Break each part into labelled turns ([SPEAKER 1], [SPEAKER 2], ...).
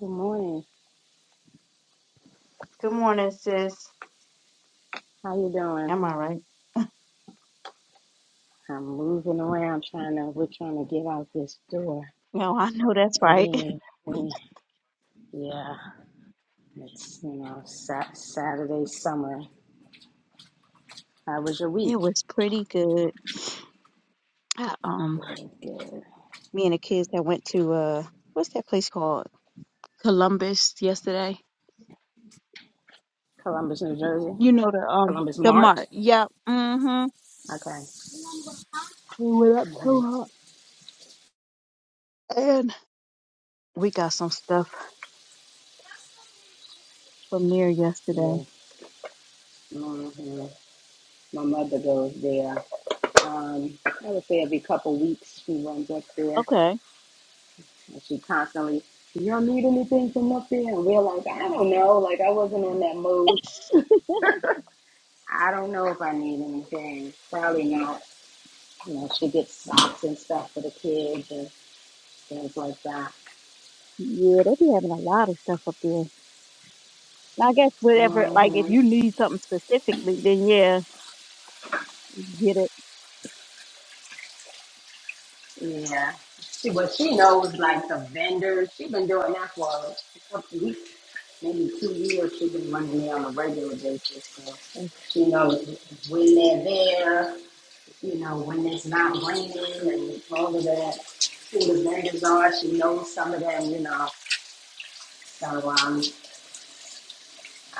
[SPEAKER 1] Good morning.
[SPEAKER 2] Good morning, sis.
[SPEAKER 1] How you doing?
[SPEAKER 2] I'm all right.
[SPEAKER 1] I'm moving around trying to we're trying to get out this door.
[SPEAKER 2] No, I know that's
[SPEAKER 1] But
[SPEAKER 2] right.
[SPEAKER 1] we we yeah, it's you know, sat Saturday summer. How was your
[SPEAKER 2] It
[SPEAKER 1] week?
[SPEAKER 2] was pretty good. I, um,
[SPEAKER 1] Good, good.
[SPEAKER 2] me and the kids that went to uh, what's that place called? Columbus yesterday.
[SPEAKER 1] Columbus, New Jersey.
[SPEAKER 2] You know the um
[SPEAKER 1] Columbus
[SPEAKER 2] the
[SPEAKER 1] Mart.
[SPEAKER 2] mart. Yeah. Mm-hmm.
[SPEAKER 1] Okay.
[SPEAKER 2] We went up
[SPEAKER 1] hmm
[SPEAKER 2] to her and we got some stuff from there yesterday.
[SPEAKER 1] Yeah. hmm My mother goes there. Um, I would say every couple weeks she runs up there
[SPEAKER 2] Okay.
[SPEAKER 1] and she constantly, Do y'all need anything from up there? And we're like, I don't know, like I wasn't in that mood. I don't know if I need anything. Probably not. You know, she gets socks and stuff for the kids and things like that.
[SPEAKER 2] Yeah, they be having a lot of stuff up there. And I guess whatever,
[SPEAKER 1] hmm
[SPEAKER 2] like if you need something specifically, then yeah, get it.
[SPEAKER 1] Yeah. She well, she knows like the vendors. She's been doing that for a couple weeks, maybe two years. She's been running me on a regular basis. So she knows when they're there. You know, when it's not raining and all of that. Who the vendors are. She knows some of them. You know. So um,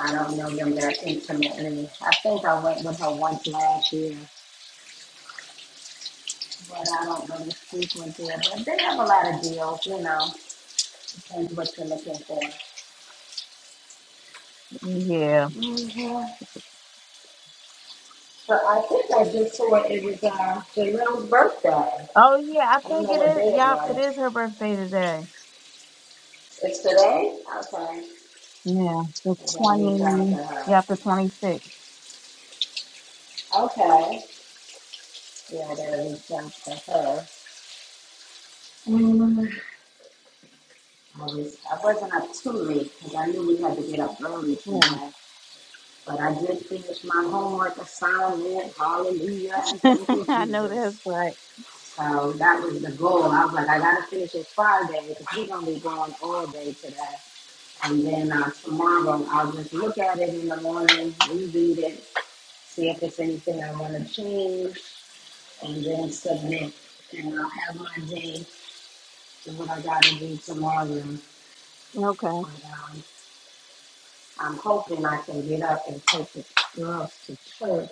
[SPEAKER 1] I don't know them that intimately. I think I went with her once last year, but I don't really frequent there. But they have a lot of deals, you know, depends what you're looking for.
[SPEAKER 2] Yeah.
[SPEAKER 1] hmm But I think I just saw it, it was uh, Jaren's birthday.
[SPEAKER 2] Oh yeah, I
[SPEAKER 1] I don't
[SPEAKER 2] think
[SPEAKER 1] know
[SPEAKER 2] it
[SPEAKER 1] what day
[SPEAKER 2] is.
[SPEAKER 1] it
[SPEAKER 2] Yep, it
[SPEAKER 1] was.
[SPEAKER 2] is her birthday today.
[SPEAKER 1] It's today? Okay.
[SPEAKER 2] Yeah, the
[SPEAKER 1] I gotta reach out
[SPEAKER 2] twenty.
[SPEAKER 1] to her.
[SPEAKER 2] Yep, the twenty sixth.
[SPEAKER 1] Okay. Yeah, I gotta reach out to her. Mm. I, was, I wasn't up too late because I knew we had to get up early
[SPEAKER 2] Right.
[SPEAKER 1] today. But I did finish my homework assignment. Hallelujah. And thank you,
[SPEAKER 2] I know that's
[SPEAKER 1] Jesus.
[SPEAKER 2] right.
[SPEAKER 1] So that was the goal. I was like, I got to finish it Friday because we're going to be going all day today. And then uh, tomorrow, I'll just look at it in the morning, reread it, see if there's anything I want to change, and then submit. And I'll have my day to what I got to do tomorrow.
[SPEAKER 2] Okay.
[SPEAKER 1] But um, I'm hoping I can get up and take the girls to church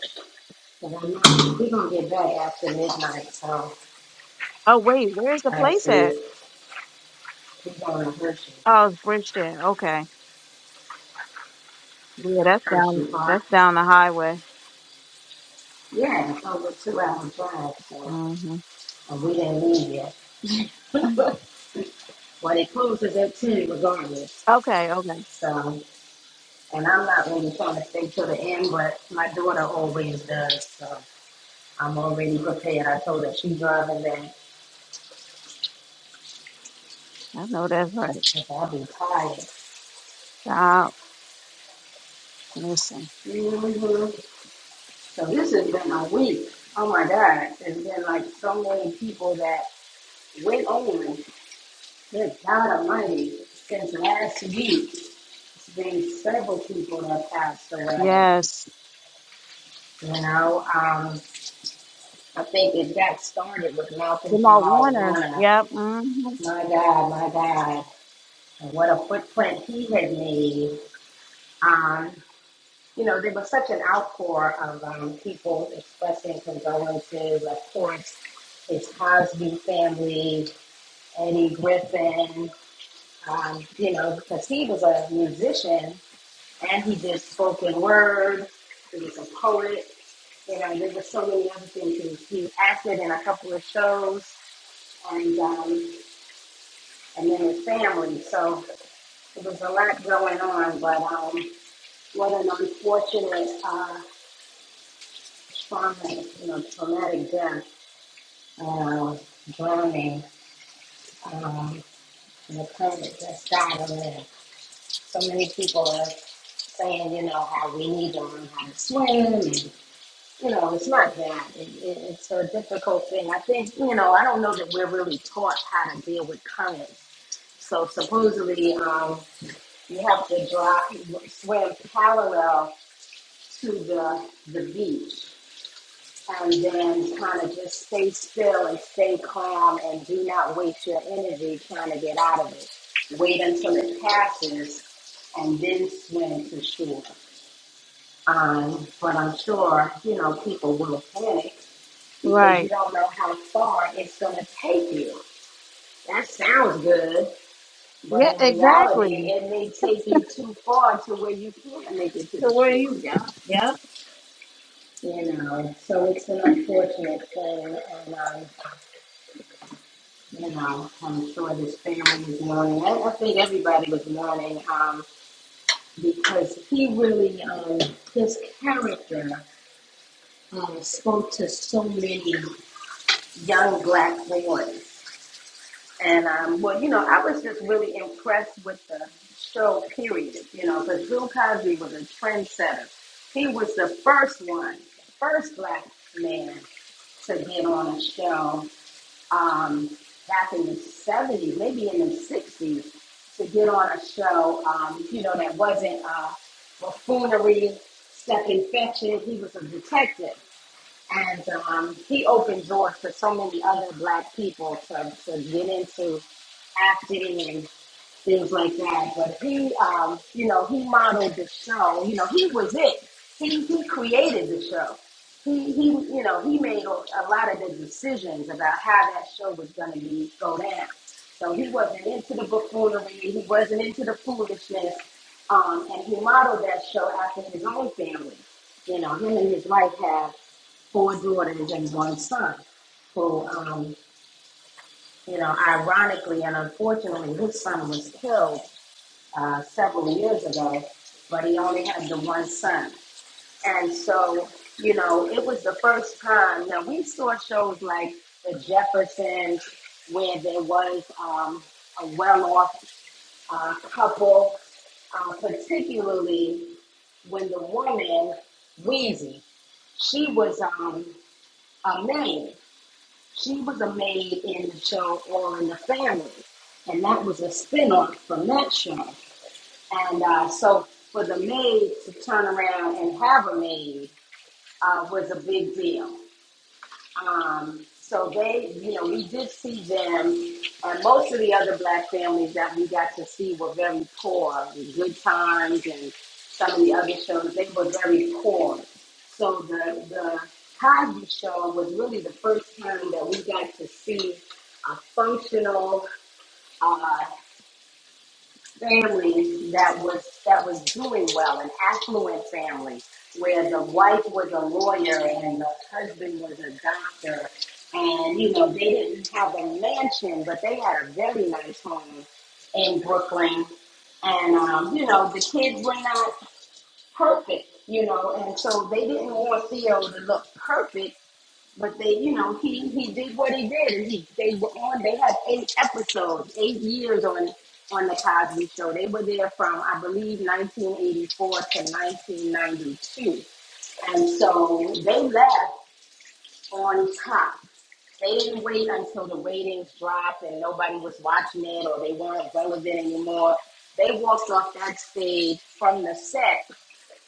[SPEAKER 1] And I'm not, we're gonna get back after midnight, so
[SPEAKER 2] Oh wait, where's the
[SPEAKER 1] I
[SPEAKER 2] place at?
[SPEAKER 1] see we're going to Hershey,
[SPEAKER 2] Oh, it's Bridgeton. Okay. Yeah, that's
[SPEAKER 1] Hershey
[SPEAKER 2] down.
[SPEAKER 1] Park.
[SPEAKER 2] That's down the highway.
[SPEAKER 1] Yeah, it's over two hour drive, so,
[SPEAKER 2] hmm
[SPEAKER 1] and we didn't leave yet. Well, it closes at ten regardless,
[SPEAKER 2] Okay. Okay.
[SPEAKER 1] so, and I'm not really trying to stay till the end, but my daughter always does, so I'm already prepared. I told her she's driving back,
[SPEAKER 2] I know that's right.
[SPEAKER 1] if I'll be tired.
[SPEAKER 2] Stop. Listen.
[SPEAKER 1] hmm So this has been a week, oh my God, it's been like so many people that went on. Good God Almighty, since last week, there's several people that passed away.
[SPEAKER 2] Yes.
[SPEAKER 1] You know, um, I think it got started with Malcolm
[SPEAKER 2] Jamal
[SPEAKER 1] Jamal
[SPEAKER 2] Warner.
[SPEAKER 1] Warner.
[SPEAKER 2] Yep. hmm
[SPEAKER 1] My God, my God, and what a footprint he had made. Um, you know, there was such an outpour of um, people expressing condolences. Of course, his Cosby family, Eddie Griffin, um, you know, because he was a musician and he did spoken word. He was a poet. You know, there were so many other things. He, he acted in a couple of shows, and um, and then his family. So it was a lot going on. But um, what an unfortunate uh, trauma, you know, traumatic death, uh, drowning. Um, and the planet just died a little. So many people are saying, you know, how we need to learn how to swim. and you know, it's not that. It, it, it's a difficult thing. I think, you know, I don't know that we're really taught how to deal with currents. So supposedly, um, you have to drive, swim parallel to the the beach, and then kind of just stay still and stay calm, and do not waste your energy trying to get out of it. Wait until it passes, and then swim to shore. Um, but I'm sure you know people will panic because you
[SPEAKER 2] Right.
[SPEAKER 1] don't know how far it's going to take you. That sounds good, but
[SPEAKER 2] Yeah.
[SPEAKER 1] in reality,
[SPEAKER 2] Exactly.
[SPEAKER 1] it may take you too far to where you can't make it to
[SPEAKER 2] So
[SPEAKER 1] the
[SPEAKER 2] where are
[SPEAKER 1] shore.
[SPEAKER 2] you? Yeah. Yep.
[SPEAKER 1] You know, so it's an unfortunate thing, and um, you know, I'm sure this family is mourning. I, I think everybody was mourning um, because he really, um, his character um, spoke to so many and um, well, you know, impressed with the know, but Bill Cosby was a trendsetter. He was the first one, first black man to get on a show um, back in the 70s, maybe in the 60s, to get on a show, um, you know, that wasn't uh, buffoonery, step and fetch it. He was a detective. And um, he opened doors for so many other black people to, to get into acting things like that. But he, um, you know, he modeled the show. You know, he was it. He he created the show. He he, you know, he made a, a lot of the decisions about how that show was going to be go down. So he wasn't into the buffoonery. He wasn't into the foolishness. Um, and he modeled that show after his own family. You know, him and his wife have four daughters and one son who, um, you know, ironically and unfortunately, his son was killed uh, several years ago, but he only had the one son. And so, you know, it was the first time. Now, we saw shows like The Jeffersons, where there was um, a well off uh, couple, uh, particularly when the woman, Weezy, she was um, a maid. She was a maid in the show All in the Family. And that was a spinoff from that show. And uh, so for the maid to turn around and have a maid uh, was a big deal. Um, so they, you know, we did see them, and most of the other black families that we got to see were very poor. The Good Times and some of the other shows, they were very poor. So the the Cosby Show was really the first time that we got to see a functional uh, families that was that was doing well, an affluent family where the wife was a lawyer and the husband was a doctor, and you know they didn't have a mansion, but they had a very nice home in Brooklyn, and um, you know the kids were not perfect, you know, and so they didn't want Theo to look perfect but they, you know, he he did what he did, and he they were on. They had eight episodes, eight years on on the Cosby Show. They were there from I believe 1984 to 1992, and so they left on top. They didn't wait until the ratings dropped and nobody was watching it or they weren't relevant anymore. They walked off that stage from the set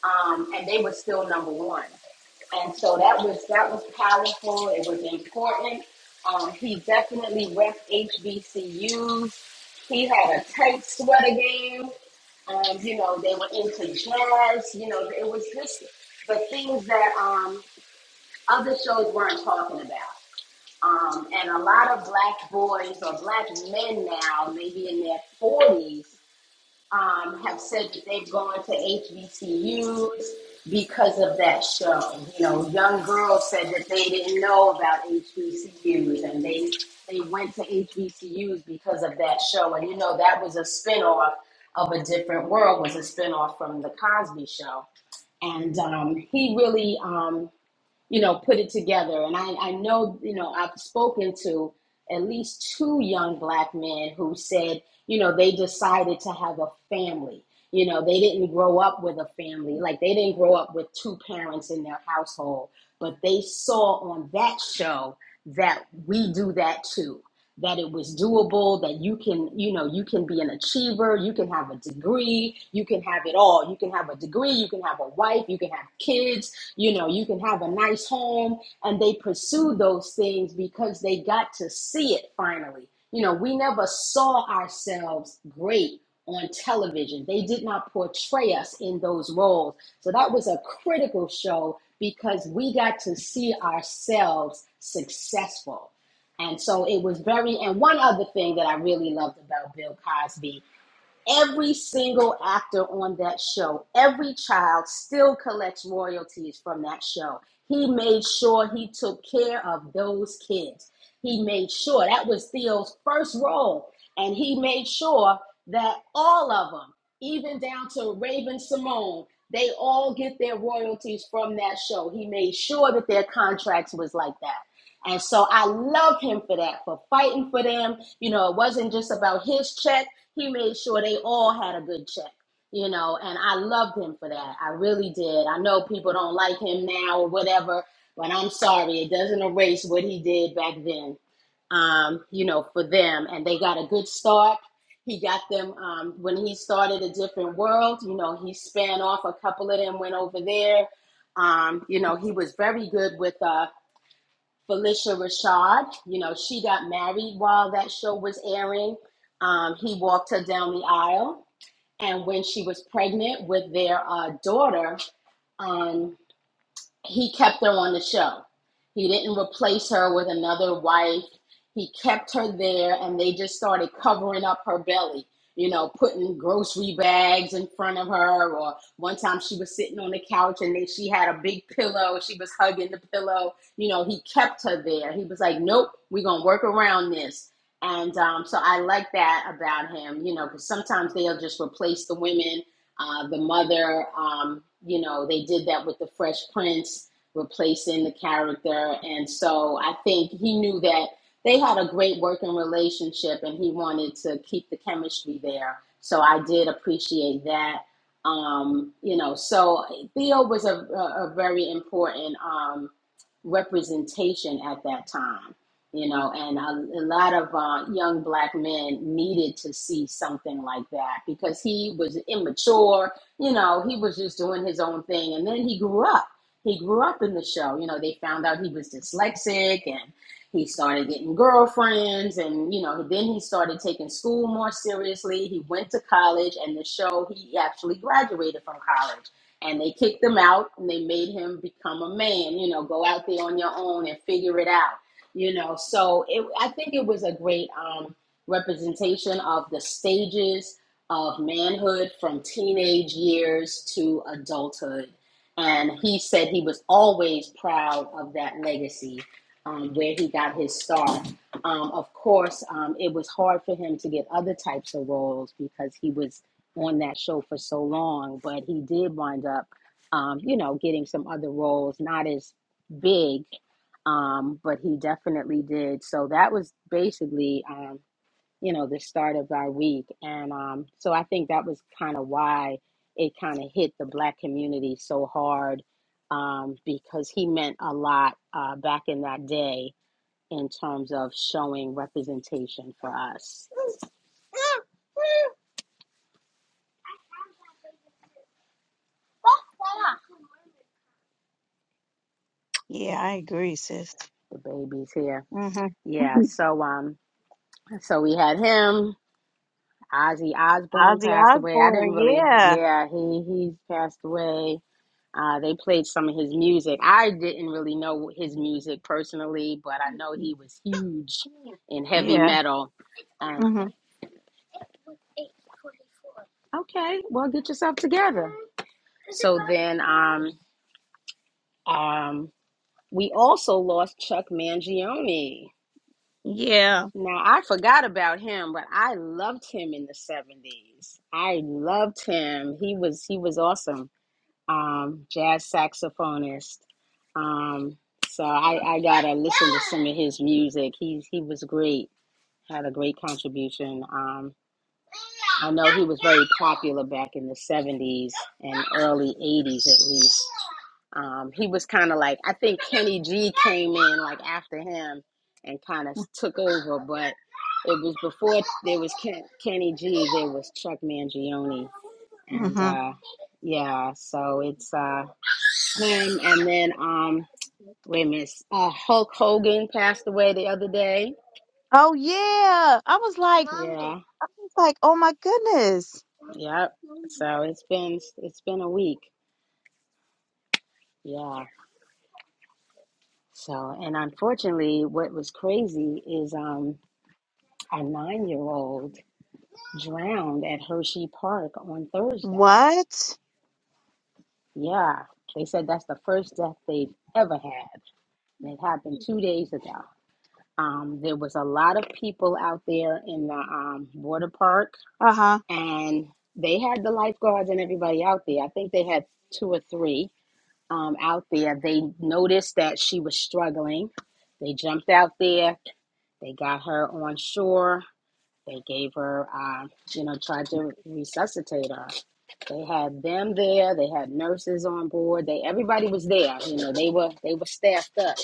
[SPEAKER 1] um, and they were still number one. And so that was that was powerful. It was important. Um, he definitely repped HBCUs. He had a tight sweater game. Um, you know, they were into jazz. You know, it was just the things that um, other shows weren't talking about. Um, and a lot of black boys or black men now, maybe in their 40s, um, have said that they've gone to HBCUs because of that show. You know, young girls said that they didn't know about HBCUs and they they went to HBCUs because of that show. And you know, that was a spinoff of a different world, was a spinoff from the Cosby Show. And um, he really um, you know, put it together. And I, I know, you know, I've spoken to at least two young black men who said, you know, they decided to have a family. You know, they didn't grow up with a family. Like they didn't grow up with two parents in their household, but they saw on that show that we do that too. That it was doable, that you can, you know, you can be an achiever, you can have a degree, you can have it all. You can have a degree, you can have a wife, you can have kids, you know, you can have a nice home, and they pursue those things because they got to see it finally. You know, we never saw ourselves great on television. They did not portray us in those roles. So that was a critical show because we got to see ourselves successful. And so it was very, and one other thing that I really loved about Bill Cosby Every single actor on that show, every child still collects royalties from that show. He made sure he took care of those kids. He made sure that was Theo's first role, and he made sure that all of them, even down to Raven Simone, they all get their royalties from that show. He made sure that their contracts was like that. And so I love him for that, for fighting for them. You know, it wasn't just about his check he made sure they all had a good check, you know, and I loved him for that. I really did. I know people don't like him now or whatever, but I'm sorry. It doesn't erase what he did back then, um, you know, for them. And they got a good start. He got them um, when he started a different world, you know, he span off a couple of them, went over there. Um, you know, he was very good with uh, Felicia Rashad. You know, she got married while that show was airing. Um, he walked her down the aisle. And when she was pregnant with their uh, daughter, um, he kept her on the show. He didn't replace her with another wife. He kept her there and they just started covering up her belly, you know, putting grocery bags in front of her. Or one time she was sitting on the couch and they, she had a big pillow. She was hugging the pillow. You know, he kept her there. He was like, nope, we're going to work around this. And um, so I like that about him, you know, because sometimes they'll just replace the women uh, the mother, um, you know, they did that with the Fresh Prince, replacing the character. And so I think he knew that they had a great working relationship and he wanted to keep the chemistry there. So I did appreciate that. Um, you know, so Theo was a, a, a very important um, representation at that time you know and a, a lot of uh, young black men needed to see something like that because he was immature you know he was just doing his own thing and then he grew up he grew up in the show you know they found out he was dyslexic and he started getting girlfriends and you know then he started taking school more seriously he went to college and the show he actually graduated from college and they kicked him out and they made him become a man you know go out there on your own and figure it out you know so it, i think it was a great um, representation of the stages of manhood from teenage years to adulthood and he said he was always proud of that legacy um, where he got his start um, of course um, it was hard for him to get other types of roles because he was on that show for so long but he did wind up um, you know getting some other roles not as big um, but he definitely did. So that was basically, um, you know, the start of our week, and um, so I think that was kind of why it kind of hit the black community so hard um, because he meant a lot uh, back in that day in terms of showing representation for us.
[SPEAKER 2] Yeah, I agree, sis.
[SPEAKER 1] The baby's here,
[SPEAKER 2] hmm
[SPEAKER 1] yeah. So um, so we had him. Ozzy Osbourne
[SPEAKER 2] Ozzy
[SPEAKER 1] passed away. I didn't
[SPEAKER 2] Osbourne,
[SPEAKER 1] really,
[SPEAKER 2] yeah.
[SPEAKER 1] yeah, he he's passed away Uh, they played some of his music. I didn't really know his music personally, but I know he was huge in heavy
[SPEAKER 2] Yeah.
[SPEAKER 1] metal. And
[SPEAKER 2] hmm
[SPEAKER 1] okay, well, get yourself together. So then, um, um, we also lost Chuck Mangione.
[SPEAKER 2] Yeah.
[SPEAKER 1] Now I forgot about him, but I loved him in the seventies. I loved him. He was he was awesome um, jazz saxophonist. Um, so I, I gotta listen to some of his music. He's he was great, had a great contribution. Um, I know he was very popular back in the '70s and early '80s at least. Um, he was kind of like I think Kenny G came in like after him and kind of took over, but. It was before there was Ken, Kenny G. There was Chuck Mangione, and
[SPEAKER 2] hmm
[SPEAKER 1] uh, yeah, so it's uh, him and then um wait a minute uh hulk hogan passed away the other day
[SPEAKER 2] Oh yeah. I was like,
[SPEAKER 1] yeah
[SPEAKER 2] I was like, oh my goodness.
[SPEAKER 1] yep so it's been it's been a week yeah so and unfortunately what was crazy is um a nine-year-old drowned at hershey park on thursday
[SPEAKER 2] What?
[SPEAKER 1] yeah they said that's the first death they've ever had and it happened two days ago um, there was a lot of people out there in the um, water park
[SPEAKER 2] Uh-huh.
[SPEAKER 1] and they had the lifeguards and everybody out there. I think they had two or three um, out there. They noticed that she was struggling. They jumped out there. They got her on shore. They gave her, uh, you know, tried to resuscitate her. They had them there. They had nurses on board. They everybody was there. You know, they were they were staffed up,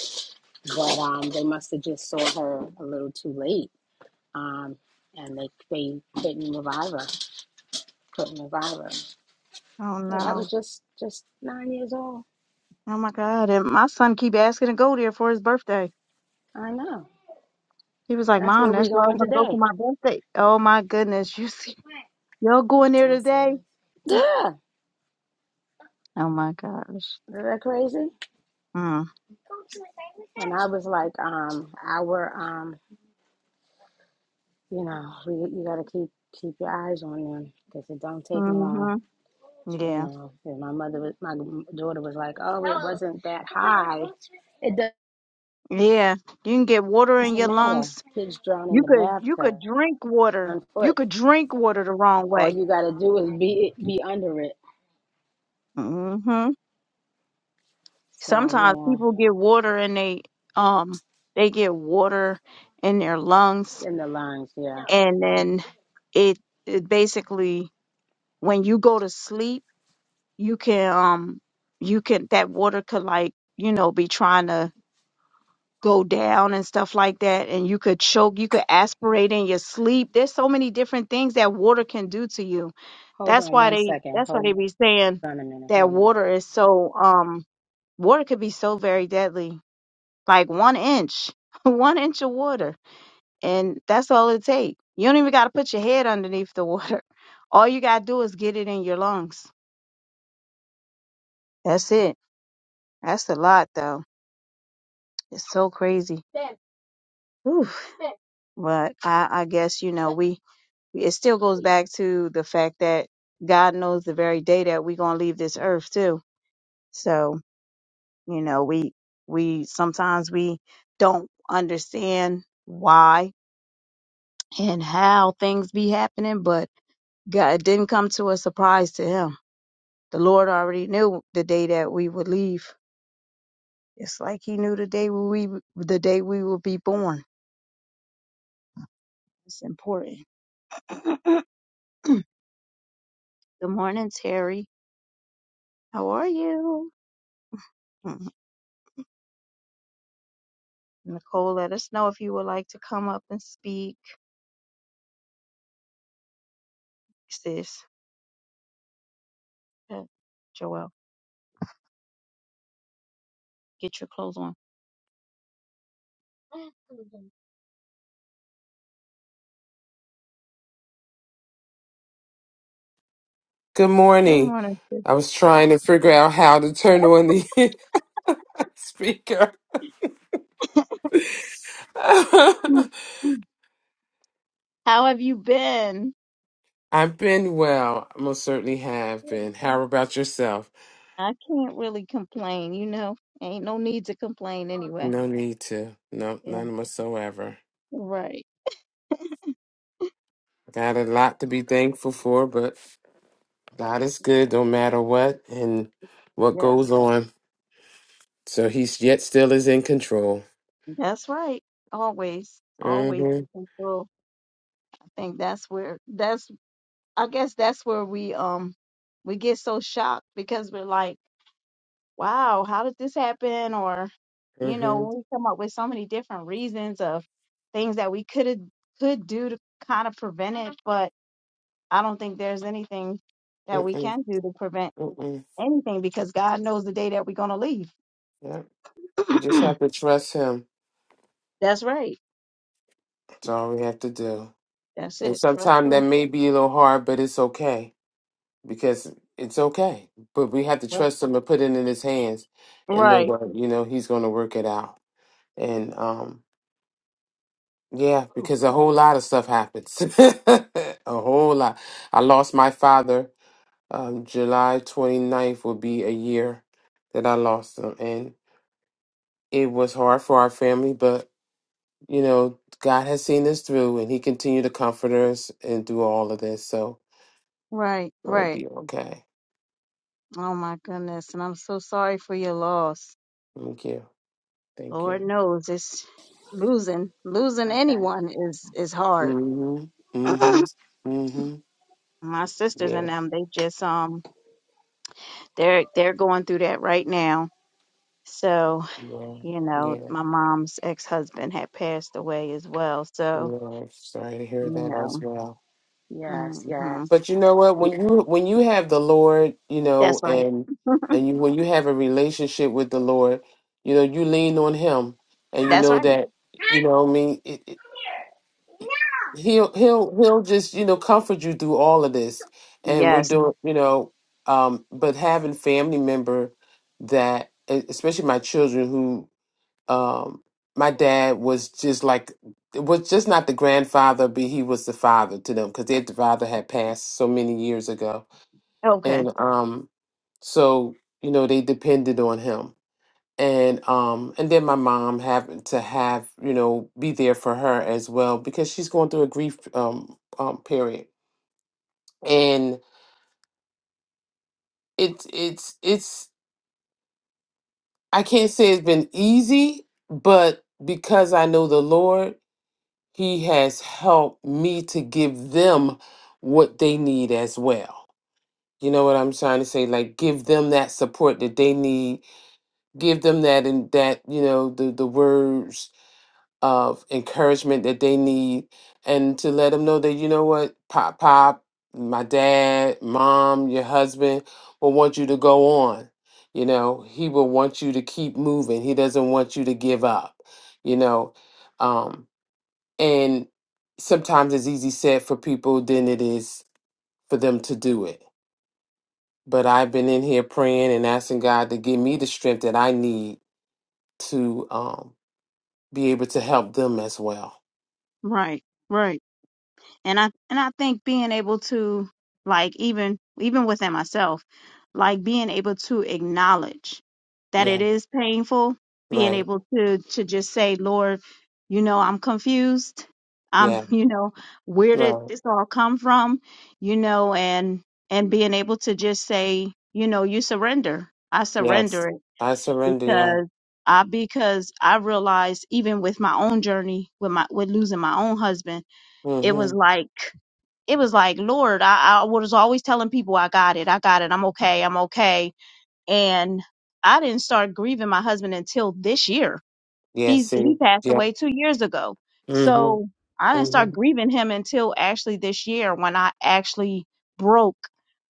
[SPEAKER 1] but um, they must have just saw her a little too late, um, and they they couldn't revive her. Couldn't revive her.
[SPEAKER 2] Oh
[SPEAKER 1] Yeah, that
[SPEAKER 2] no.
[SPEAKER 1] was just just nine years old.
[SPEAKER 2] Oh my God. And my son keep asking to go there for his birthday.
[SPEAKER 1] I know.
[SPEAKER 2] He was like,
[SPEAKER 1] That's
[SPEAKER 2] Mom,
[SPEAKER 1] where we
[SPEAKER 2] that's where I
[SPEAKER 1] going
[SPEAKER 2] want to go for
[SPEAKER 1] today.
[SPEAKER 2] my birthday. Oh my goodness. You see y'all going there today?
[SPEAKER 1] Yeah.
[SPEAKER 2] Oh my gosh.
[SPEAKER 1] Isn't that crazy?
[SPEAKER 2] Mm.
[SPEAKER 1] And I was like, um, our um, you know, we you gotta keep keep your eyes on them because it don't take long.
[SPEAKER 2] hmm
[SPEAKER 1] You
[SPEAKER 2] Yeah.
[SPEAKER 1] know, and my mother was my daughter was like, oh, it wasn't that high. It
[SPEAKER 2] Yeah. You can get water in
[SPEAKER 1] doesn't
[SPEAKER 2] your
[SPEAKER 1] matter.
[SPEAKER 2] lungs
[SPEAKER 1] Kids drown in
[SPEAKER 2] You
[SPEAKER 1] the
[SPEAKER 2] could you could
[SPEAKER 1] bathtub
[SPEAKER 2] drink water.
[SPEAKER 1] on
[SPEAKER 2] You
[SPEAKER 1] foot.
[SPEAKER 2] could drink water the wrong
[SPEAKER 1] All
[SPEAKER 2] way.
[SPEAKER 1] you gotta do is be be under it.
[SPEAKER 2] hmm
[SPEAKER 1] So
[SPEAKER 2] Sometimes
[SPEAKER 1] yeah,
[SPEAKER 2] people get water and they um they get water in their lungs
[SPEAKER 1] in the lungs. Yeah.
[SPEAKER 2] and then it it basically when you go to sleep you can um you can that water could like you know be trying to go down and stuff like that and you could choke you could aspirate in your sleep there's so many different things that water can do to you
[SPEAKER 1] Hold
[SPEAKER 2] That's
[SPEAKER 1] on
[SPEAKER 2] why
[SPEAKER 1] one
[SPEAKER 2] they
[SPEAKER 1] second.
[SPEAKER 2] that's why they
[SPEAKER 1] Hold.
[SPEAKER 2] be saying
[SPEAKER 1] on a minute.
[SPEAKER 2] that
[SPEAKER 1] Hold on.
[SPEAKER 2] water is so um water could be so very deadly. Like one inch, one inch of water. And that's all it takes. You don't even gotta put your head underneath the water. All you gotta do is get it in your lungs. That's it. That's a lot though. It's so crazy. Oof. But I, I guess, you know, we it still goes back to the fact that God knows the very day that we're gonna leave this earth too. So You know, we we sometimes we don't understand why and how things be happening, but God it didn't come to a surprise to him. The Lord already knew the day that we would leave. It's like he knew the day we the day we would be born. It's important. Good morning, Terry. How are you? Mhm. Nicole, let us know if you would like to come up and speak, sis. Uh, Joelle, get your clothes on.
[SPEAKER 3] Good
[SPEAKER 2] Good
[SPEAKER 3] morning.
[SPEAKER 2] morning,
[SPEAKER 3] I was trying to figure out how to turn on the speaker.
[SPEAKER 2] sis. How have you been?
[SPEAKER 3] I've been well. I most certainly have been. How about yourself?
[SPEAKER 2] I can't really complain, you know. Ain't no need to complain anyway.
[SPEAKER 3] No need to. No,
[SPEAKER 2] Yeah.
[SPEAKER 3] none whatsoever.
[SPEAKER 2] Right.
[SPEAKER 3] Got a lot to be thankful for, but God is good no matter what and what
[SPEAKER 2] Yes.
[SPEAKER 3] goes on. So he's yet still is in control.
[SPEAKER 2] That's right. Always. Always.
[SPEAKER 3] Mm-hmm.
[SPEAKER 2] Well, I think that's where that's I guess that's where we um we get so shocked because we're like, wow, how did this happen? Or, you know,
[SPEAKER 3] Mm-hmm.
[SPEAKER 2] we come up with so many different reasons of things that we could have could do to kind of prevent it, but I don't think there's anything that we
[SPEAKER 3] Mm-mm.
[SPEAKER 2] can do to prevent
[SPEAKER 3] Mm-mm.
[SPEAKER 2] anything because God knows the day that we're gonna leave.
[SPEAKER 3] Yep. We just have to trust him.
[SPEAKER 2] That's right.
[SPEAKER 3] That's all we have to do.
[SPEAKER 2] That's
[SPEAKER 3] And
[SPEAKER 2] it. Trust
[SPEAKER 3] sometimes that
[SPEAKER 2] Him.
[SPEAKER 3] may be a little hard, but it's okay because it's okay. But we have to
[SPEAKER 2] Right.
[SPEAKER 3] trust him and put it in his hands and know
[SPEAKER 2] Right.
[SPEAKER 3] that, you know, he's going to work it out. And um, yeah, because a whole lot of stuff happens. a whole lot. I lost my father. Um, July 29th will be a year that I lost him. And it was hard for our family, but, you know, God has seen us through and he continued to comfort us and do all of this. So,
[SPEAKER 2] Right.
[SPEAKER 3] going to
[SPEAKER 2] Right.
[SPEAKER 3] be okay.
[SPEAKER 2] Oh my goodness. And I'm so sorry for your loss.
[SPEAKER 3] Thank you. Thank you.
[SPEAKER 2] Lord knows it's losing losing
[SPEAKER 1] Okay.
[SPEAKER 2] anyone is is hard.
[SPEAKER 3] Mm-hmm. Mm-hmm. Mm-hmm.
[SPEAKER 2] my sisters
[SPEAKER 3] Yeah.
[SPEAKER 2] and them, they just um they're they're going through that right now. So,
[SPEAKER 3] Yeah.
[SPEAKER 2] you know,
[SPEAKER 3] Yeah.
[SPEAKER 2] my mom's ex husband had passed away as well. So,
[SPEAKER 3] Yeah. Sorry to
[SPEAKER 2] you
[SPEAKER 3] hear that as
[SPEAKER 2] know.
[SPEAKER 3] well.
[SPEAKER 1] Yes,
[SPEAKER 2] hmm
[SPEAKER 1] yes.
[SPEAKER 3] But you know what? When you when you have the Lord, you
[SPEAKER 2] That's
[SPEAKER 3] know,
[SPEAKER 2] right.
[SPEAKER 3] and and you when you have a relationship with the Lord, you know, you lean on Him, and you
[SPEAKER 2] That's
[SPEAKER 3] know
[SPEAKER 2] right.
[SPEAKER 3] that you know. what I mean, it, he'll he'll he'll just you know comfort you through all of this and we're
[SPEAKER 2] Yes.
[SPEAKER 3] doing you know um but having family member that e- especially my children who um my dad was just like was just not the grandfather but he was the father to them because their father had passed so many years ago
[SPEAKER 2] Okay.
[SPEAKER 3] and um so you know they depended on him and um and then my mom happened to have you know be there for her as well because she's going through a grief um, um period and it's it's it's i can't say it's been easy but because i know the lord he has helped me to give them what they need as well you know what i'm trying to say like give them that support that they need give them that and that you know the the words of encouragement that they need and to let them know that you know what pop pop my dad mom your husband will want you to go on you know he will want you to keep moving he doesn't want you to give up you know um and sometimes it's easy said for people than it is for them to do it but i've been in here praying and asking god to give me the strength that i need to um be able to help them as well
[SPEAKER 2] Right. Right. And I and I think being able to like even even within myself, like being able to acknowledge that
[SPEAKER 3] yeah
[SPEAKER 2] it is painful, being
[SPEAKER 3] right
[SPEAKER 2] able to to just say, Lord, you know, I'm confused. I'm,
[SPEAKER 3] Yeah.
[SPEAKER 2] you know, where did
[SPEAKER 3] Well,
[SPEAKER 2] this all come from? You know, and and being able to just say, you know, you surrender. I surrender
[SPEAKER 3] Yes.
[SPEAKER 2] it.
[SPEAKER 3] I surrender. Yeah.
[SPEAKER 2] because I because I realized even with my own journey with my with losing my own husband, it was
[SPEAKER 3] Mm-hmm.
[SPEAKER 2] like it was like Lord, I, I was always telling people I got it, I got it, I'm okay, I'm okay, and I didn't start grieving my husband until this year.
[SPEAKER 3] Yes.
[SPEAKER 2] He's
[SPEAKER 3] See.
[SPEAKER 2] he passed
[SPEAKER 3] Yeah.
[SPEAKER 2] away two years ago,
[SPEAKER 3] Mm-hmm.
[SPEAKER 2] so I didn't start
[SPEAKER 3] Mm-hmm.
[SPEAKER 2] grieving him until actually this year when I actually broke.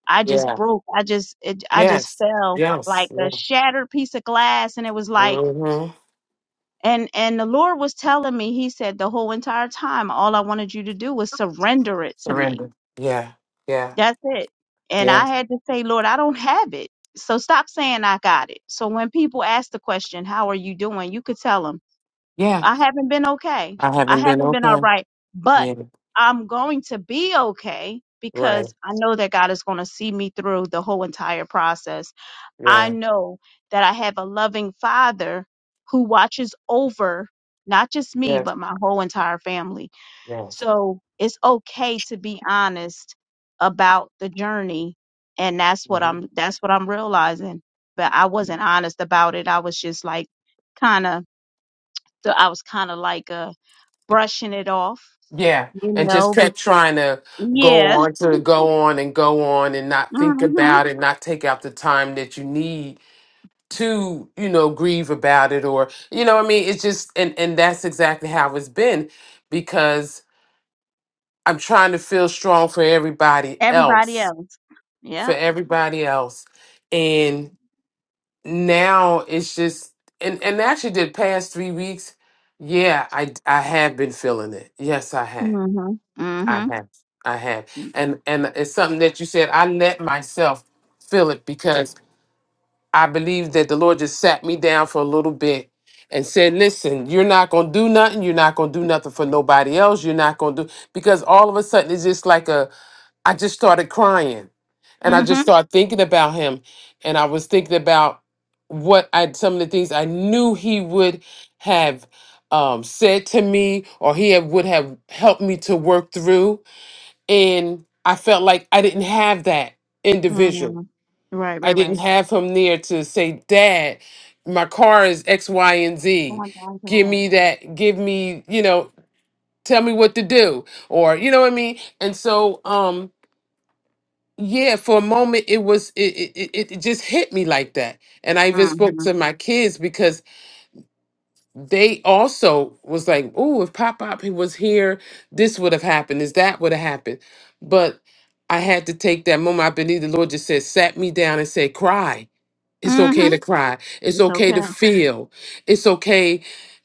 [SPEAKER 2] I just
[SPEAKER 3] Yeah.
[SPEAKER 2] broke. I just it, I just
[SPEAKER 3] Yes.
[SPEAKER 2] fell
[SPEAKER 3] Yes.
[SPEAKER 2] like
[SPEAKER 3] Yeah.
[SPEAKER 2] a shattered piece of glass, and it was like
[SPEAKER 3] Mm-hmm.
[SPEAKER 2] and and the Lord was telling me, He said, the whole entire time, all I wanted you to do was surrender it to me.
[SPEAKER 3] Surrender. Yeah. Yeah.
[SPEAKER 2] That's it. And I
[SPEAKER 3] Yes.
[SPEAKER 2] had to say, Lord, I don't have it. So stop saying I got it. So when people ask the question, how are you doing? You could tell them,
[SPEAKER 3] Yeah.
[SPEAKER 2] I haven't been okay.
[SPEAKER 3] I
[SPEAKER 2] I
[SPEAKER 3] haven't been
[SPEAKER 2] haven't been all
[SPEAKER 3] okay.
[SPEAKER 2] right, but
[SPEAKER 3] Yeah.
[SPEAKER 2] I'm going to be okay
[SPEAKER 3] Right.
[SPEAKER 2] because I know that God is going to see me through the whole entire process. I
[SPEAKER 3] Yeah.
[SPEAKER 2] know that I have a loving father who watches over not just me,
[SPEAKER 3] Yes.
[SPEAKER 2] but my whole entire family.
[SPEAKER 3] Yes.
[SPEAKER 2] So it's okay to be honest about the journey. And that's what
[SPEAKER 3] hmm
[SPEAKER 2] I'm, that's what I'm realizing. But I wasn't honest about it. I was just like kind of, I was kind of like, uh, brushing it off,
[SPEAKER 3] Yeah.
[SPEAKER 2] you
[SPEAKER 3] And just
[SPEAKER 2] know? Be-
[SPEAKER 3] kept trying to go
[SPEAKER 2] yeah.
[SPEAKER 3] on to go on and go on and not think
[SPEAKER 2] hmm
[SPEAKER 3] about it, not take out the time that you need to you know grieve about it or you know what i mean it's just and and that's exactly how it's been because i'm trying to feel strong for everybody
[SPEAKER 2] Everybody
[SPEAKER 3] else
[SPEAKER 2] else.
[SPEAKER 3] for
[SPEAKER 2] Yeah.
[SPEAKER 3] everybody else and now it's just and and actually the past three weeks yeah I I have been feeling it yes i have
[SPEAKER 2] Mm-hmm.
[SPEAKER 3] i
[SPEAKER 2] Mm-hmm.
[SPEAKER 3] have i have and and it's something that you said i let myself feel it because. I believe that the Lord just sat me down for a little bit and said, Listen, you're not going to do nothing. You're not going to do nothing for nobody else. You're not going to do, because all of a sudden it's just like a, I just started crying and I
[SPEAKER 2] mm-hmm.
[SPEAKER 3] just started thinking about him. And I was thinking about what I, some of the things I knew he would have um, said to me or he had- would have helped me to work through. And I felt like I didn't have that individual.
[SPEAKER 2] Mm. Right, right,
[SPEAKER 3] I didn't
[SPEAKER 2] right.
[SPEAKER 3] have him there to say, Dad, my car is X, Y, and Z.
[SPEAKER 2] One thousand
[SPEAKER 3] Give
[SPEAKER 2] percent.
[SPEAKER 3] me that, give me, you know, tell me what to do. Or, you know what I mean? And so, um, yeah, for a moment it was it it, it it just hit me like that. And I even spoke
[SPEAKER 2] Mhm.
[SPEAKER 3] to my kids because they also was like, Oh, if Pop Pop he was here, this would have happened, is that would have happened. But I had to take that moment. I believe the Lord just said, sat me down and said, cry it's
[SPEAKER 2] Mm.
[SPEAKER 3] okay
[SPEAKER 2] Mhm.
[SPEAKER 3] to cry. It's
[SPEAKER 2] It's
[SPEAKER 3] okay to
[SPEAKER 2] okay.
[SPEAKER 3] feel. It's okay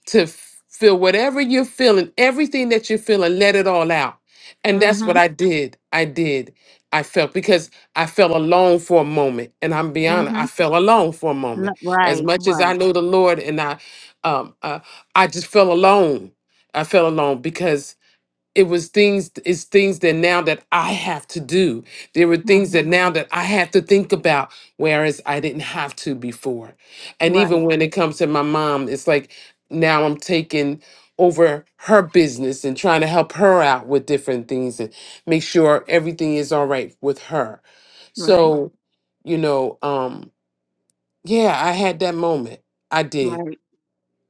[SPEAKER 3] to f- feel whatever you're feeling, everything that you're feeling, let it all out. And
[SPEAKER 2] Mm.
[SPEAKER 3] that's
[SPEAKER 2] Mhm.
[SPEAKER 3] what I did. I did. I felt because I felt alone for a moment. And I'm be
[SPEAKER 2] Mm.
[SPEAKER 3] honest, I
[SPEAKER 2] Mhm.
[SPEAKER 3] felt alone for a moment.
[SPEAKER 2] Lo-
[SPEAKER 3] As
[SPEAKER 2] Right,
[SPEAKER 3] much as I
[SPEAKER 2] right.
[SPEAKER 3] know the Lord and I um uh, I just felt alone. I felt alone because it was things it's things that now that i have to do there were things that
[SPEAKER 2] Mhm.
[SPEAKER 3] now that i have to think about whereas i didn't have to before and even
[SPEAKER 2] Right,
[SPEAKER 3] when it comes to my mom it's like now i'm taking over her business and trying to help her out with different things and make sure everything is all right with her
[SPEAKER 2] right,
[SPEAKER 3] so you know um yeah i had that moment i did
[SPEAKER 2] right.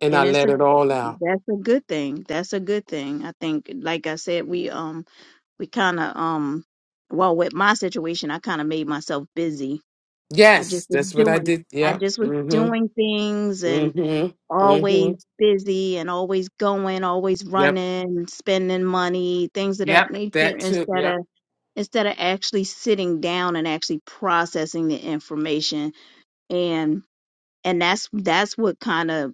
[SPEAKER 3] and i
[SPEAKER 2] And it's
[SPEAKER 3] let
[SPEAKER 2] a
[SPEAKER 3] it all out
[SPEAKER 2] that's a good thing. That's a good thing. I think, like I said, we um we kind of um well with my situation, I kind of made myself busy. I just
[SPEAKER 3] yes
[SPEAKER 2] was
[SPEAKER 3] that's what i
[SPEAKER 2] doing.
[SPEAKER 3] did
[SPEAKER 2] I
[SPEAKER 3] yeah
[SPEAKER 2] just was
[SPEAKER 3] mm-hmm
[SPEAKER 2] doing things and.
[SPEAKER 3] mm-hmm Mm-hmm.
[SPEAKER 2] always busy and always going, always
[SPEAKER 3] Yep.
[SPEAKER 2] running, spending money, things of that
[SPEAKER 3] Yep.
[SPEAKER 2] nature
[SPEAKER 3] That too.
[SPEAKER 2] instead
[SPEAKER 3] Yep.
[SPEAKER 2] of instead of actually sitting down and actually processing the information and and that's that's what kind of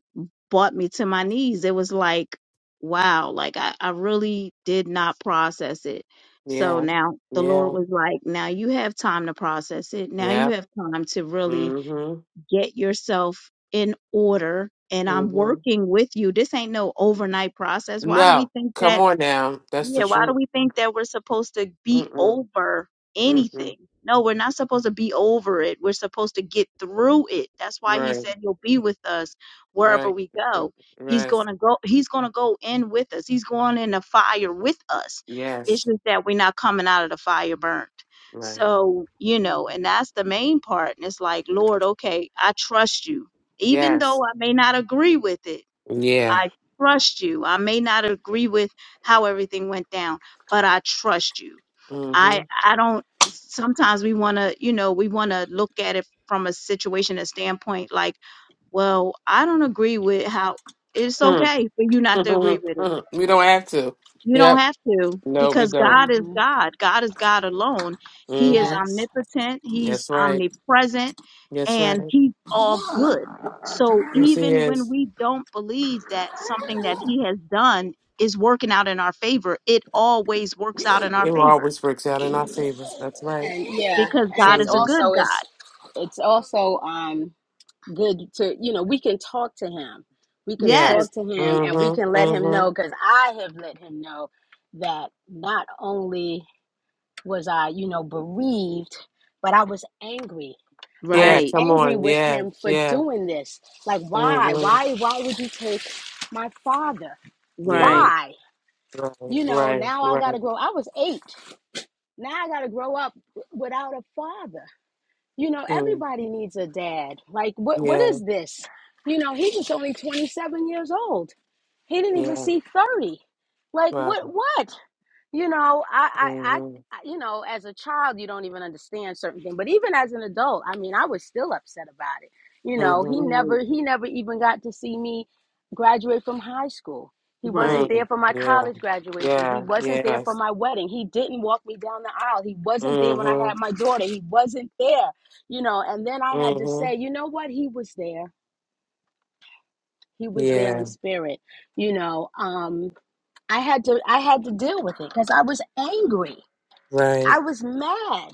[SPEAKER 2] brought me to my knees. It was like, wow, like I, I really did not process it. So
[SPEAKER 3] Yeah.
[SPEAKER 2] now the Lord
[SPEAKER 3] Yeah.
[SPEAKER 2] was like, now you have time to process it. Now
[SPEAKER 3] Yeah.
[SPEAKER 2] you have time to really
[SPEAKER 3] Mm-hmm.
[SPEAKER 2] get yourself in order and I'm
[SPEAKER 3] Mm-hmm.
[SPEAKER 2] working with you. This ain't no overnight process. Why do we
[SPEAKER 3] No.
[SPEAKER 2] think that
[SPEAKER 3] Come on now. That's the
[SPEAKER 2] yeah, why do
[SPEAKER 3] truth.
[SPEAKER 2] we think that we're supposed to be
[SPEAKER 3] Mm-mm.
[SPEAKER 2] over
[SPEAKER 3] Mm-mm.
[SPEAKER 2] anything? No, we're not supposed to be over it. We're supposed to get through it. That's why he
[SPEAKER 3] Right.
[SPEAKER 2] said he'll be with us wherever
[SPEAKER 3] Right.
[SPEAKER 2] we
[SPEAKER 3] Mm,
[SPEAKER 2] go. He's going
[SPEAKER 3] Rest.
[SPEAKER 2] to go he's going to go in with us. He's going in the fire with us. It's
[SPEAKER 3] Yes.
[SPEAKER 2] just that we're not coming out of the fire burnt.
[SPEAKER 3] Right.
[SPEAKER 2] So, you know, and
[SPEAKER 1] hmm
[SPEAKER 2] that's the main part. And it's like, Lord, okay, I trust you. Even though
[SPEAKER 3] Yes.
[SPEAKER 2] I may not agree with it,
[SPEAKER 3] Yeah.
[SPEAKER 2] I trust you. I may not agree with how everything went down, but I trust you. I
[SPEAKER 3] Mm-hmm.
[SPEAKER 2] I don't sometimes we want to, you know, we want to look at it from a situation a standpoint like, well, I don't agree with how it's
[SPEAKER 3] Hmm.
[SPEAKER 2] okay for you not to agree with it
[SPEAKER 3] we don't have to.
[SPEAKER 2] you don't
[SPEAKER 3] Yep.
[SPEAKER 2] have to
[SPEAKER 3] No, we
[SPEAKER 2] because
[SPEAKER 3] don't.
[SPEAKER 2] God is
[SPEAKER 1] hmm
[SPEAKER 2] God. God is God alone. He is
[SPEAKER 3] Mm-hmm.
[SPEAKER 1] Yes.
[SPEAKER 2] omnipotent, He's
[SPEAKER 3] That's right.
[SPEAKER 2] omnipresent,
[SPEAKER 3] That's
[SPEAKER 2] and
[SPEAKER 3] right.
[SPEAKER 2] He's all good. So
[SPEAKER 3] Yes, he
[SPEAKER 2] even when
[SPEAKER 3] is.
[SPEAKER 2] we don't believe that something that He has done is working out in our favor, it always works out in our
[SPEAKER 3] It
[SPEAKER 2] favor
[SPEAKER 3] always works out in our favor. That's right.
[SPEAKER 1] And yeah, Yeah.
[SPEAKER 2] because
[SPEAKER 1] and
[SPEAKER 2] God
[SPEAKER 1] it's
[SPEAKER 2] is a
[SPEAKER 3] Absolutely.
[SPEAKER 2] good
[SPEAKER 1] also
[SPEAKER 2] God.
[SPEAKER 1] it's it's also um good to you know we can talk to him. We can
[SPEAKER 2] Yes.
[SPEAKER 1] talk
[SPEAKER 3] Yes.
[SPEAKER 1] to him and we can
[SPEAKER 3] Mm-hmm.
[SPEAKER 1] let him
[SPEAKER 3] Mm-hmm.
[SPEAKER 1] know cuz I have let him know that not only was I, you know, bereaved, but I was angry. I
[SPEAKER 3] Yeah,
[SPEAKER 1] was
[SPEAKER 2] Right.
[SPEAKER 3] come
[SPEAKER 1] angry
[SPEAKER 3] on.
[SPEAKER 1] with
[SPEAKER 3] Yeah.
[SPEAKER 1] him for
[SPEAKER 3] Yeah.
[SPEAKER 1] doing this. Like why?
[SPEAKER 3] Mm-hmm.
[SPEAKER 1] Why why would you take my father?
[SPEAKER 3] Yeah.
[SPEAKER 2] Right.
[SPEAKER 1] Why?
[SPEAKER 3] Right.
[SPEAKER 1] you know,
[SPEAKER 3] Right.
[SPEAKER 1] now I got
[SPEAKER 3] Right.
[SPEAKER 1] to grow. I was eight. Now I got to grow up w- without a father. You know,
[SPEAKER 3] Mm.
[SPEAKER 1] everybody needs a dad. Like, what? What
[SPEAKER 3] Yeah.
[SPEAKER 1] is this? You know, he was only 27 years old. He didn't even
[SPEAKER 3] Yeah.
[SPEAKER 1] see 30. Like,
[SPEAKER 3] Right.
[SPEAKER 1] what? What? You know, I, I, I, I-
[SPEAKER 3] Mm-hmm.
[SPEAKER 1] you know, as a child, you don't even understand certain things. But even as an adult, I mean, I was still upset about it. You know, he
[SPEAKER 3] Mm-hmm.
[SPEAKER 2] Right.
[SPEAKER 1] never, he never even got to see me graduate from high school. He wasn't
[SPEAKER 2] Right.
[SPEAKER 1] there
[SPEAKER 3] Mm.
[SPEAKER 1] for my
[SPEAKER 3] Yeah.
[SPEAKER 1] college graduation. He
[SPEAKER 3] Yeah.
[SPEAKER 1] wasn't there for
[SPEAKER 3] Yes.
[SPEAKER 1] my wedding. He didn't walk me down the aisle. He wasn't there when I had
[SPEAKER 3] Mm-hmm.
[SPEAKER 1] my daughter. He wasn't there, you know. And then I had to
[SPEAKER 3] Mm-hmm.
[SPEAKER 1] say, you know what? He was there. He was there in
[SPEAKER 3] Yeah.
[SPEAKER 1] spirit. You know, um, I had to, I had to deal with it because I was angry I
[SPEAKER 3] Right.
[SPEAKER 1] was mad.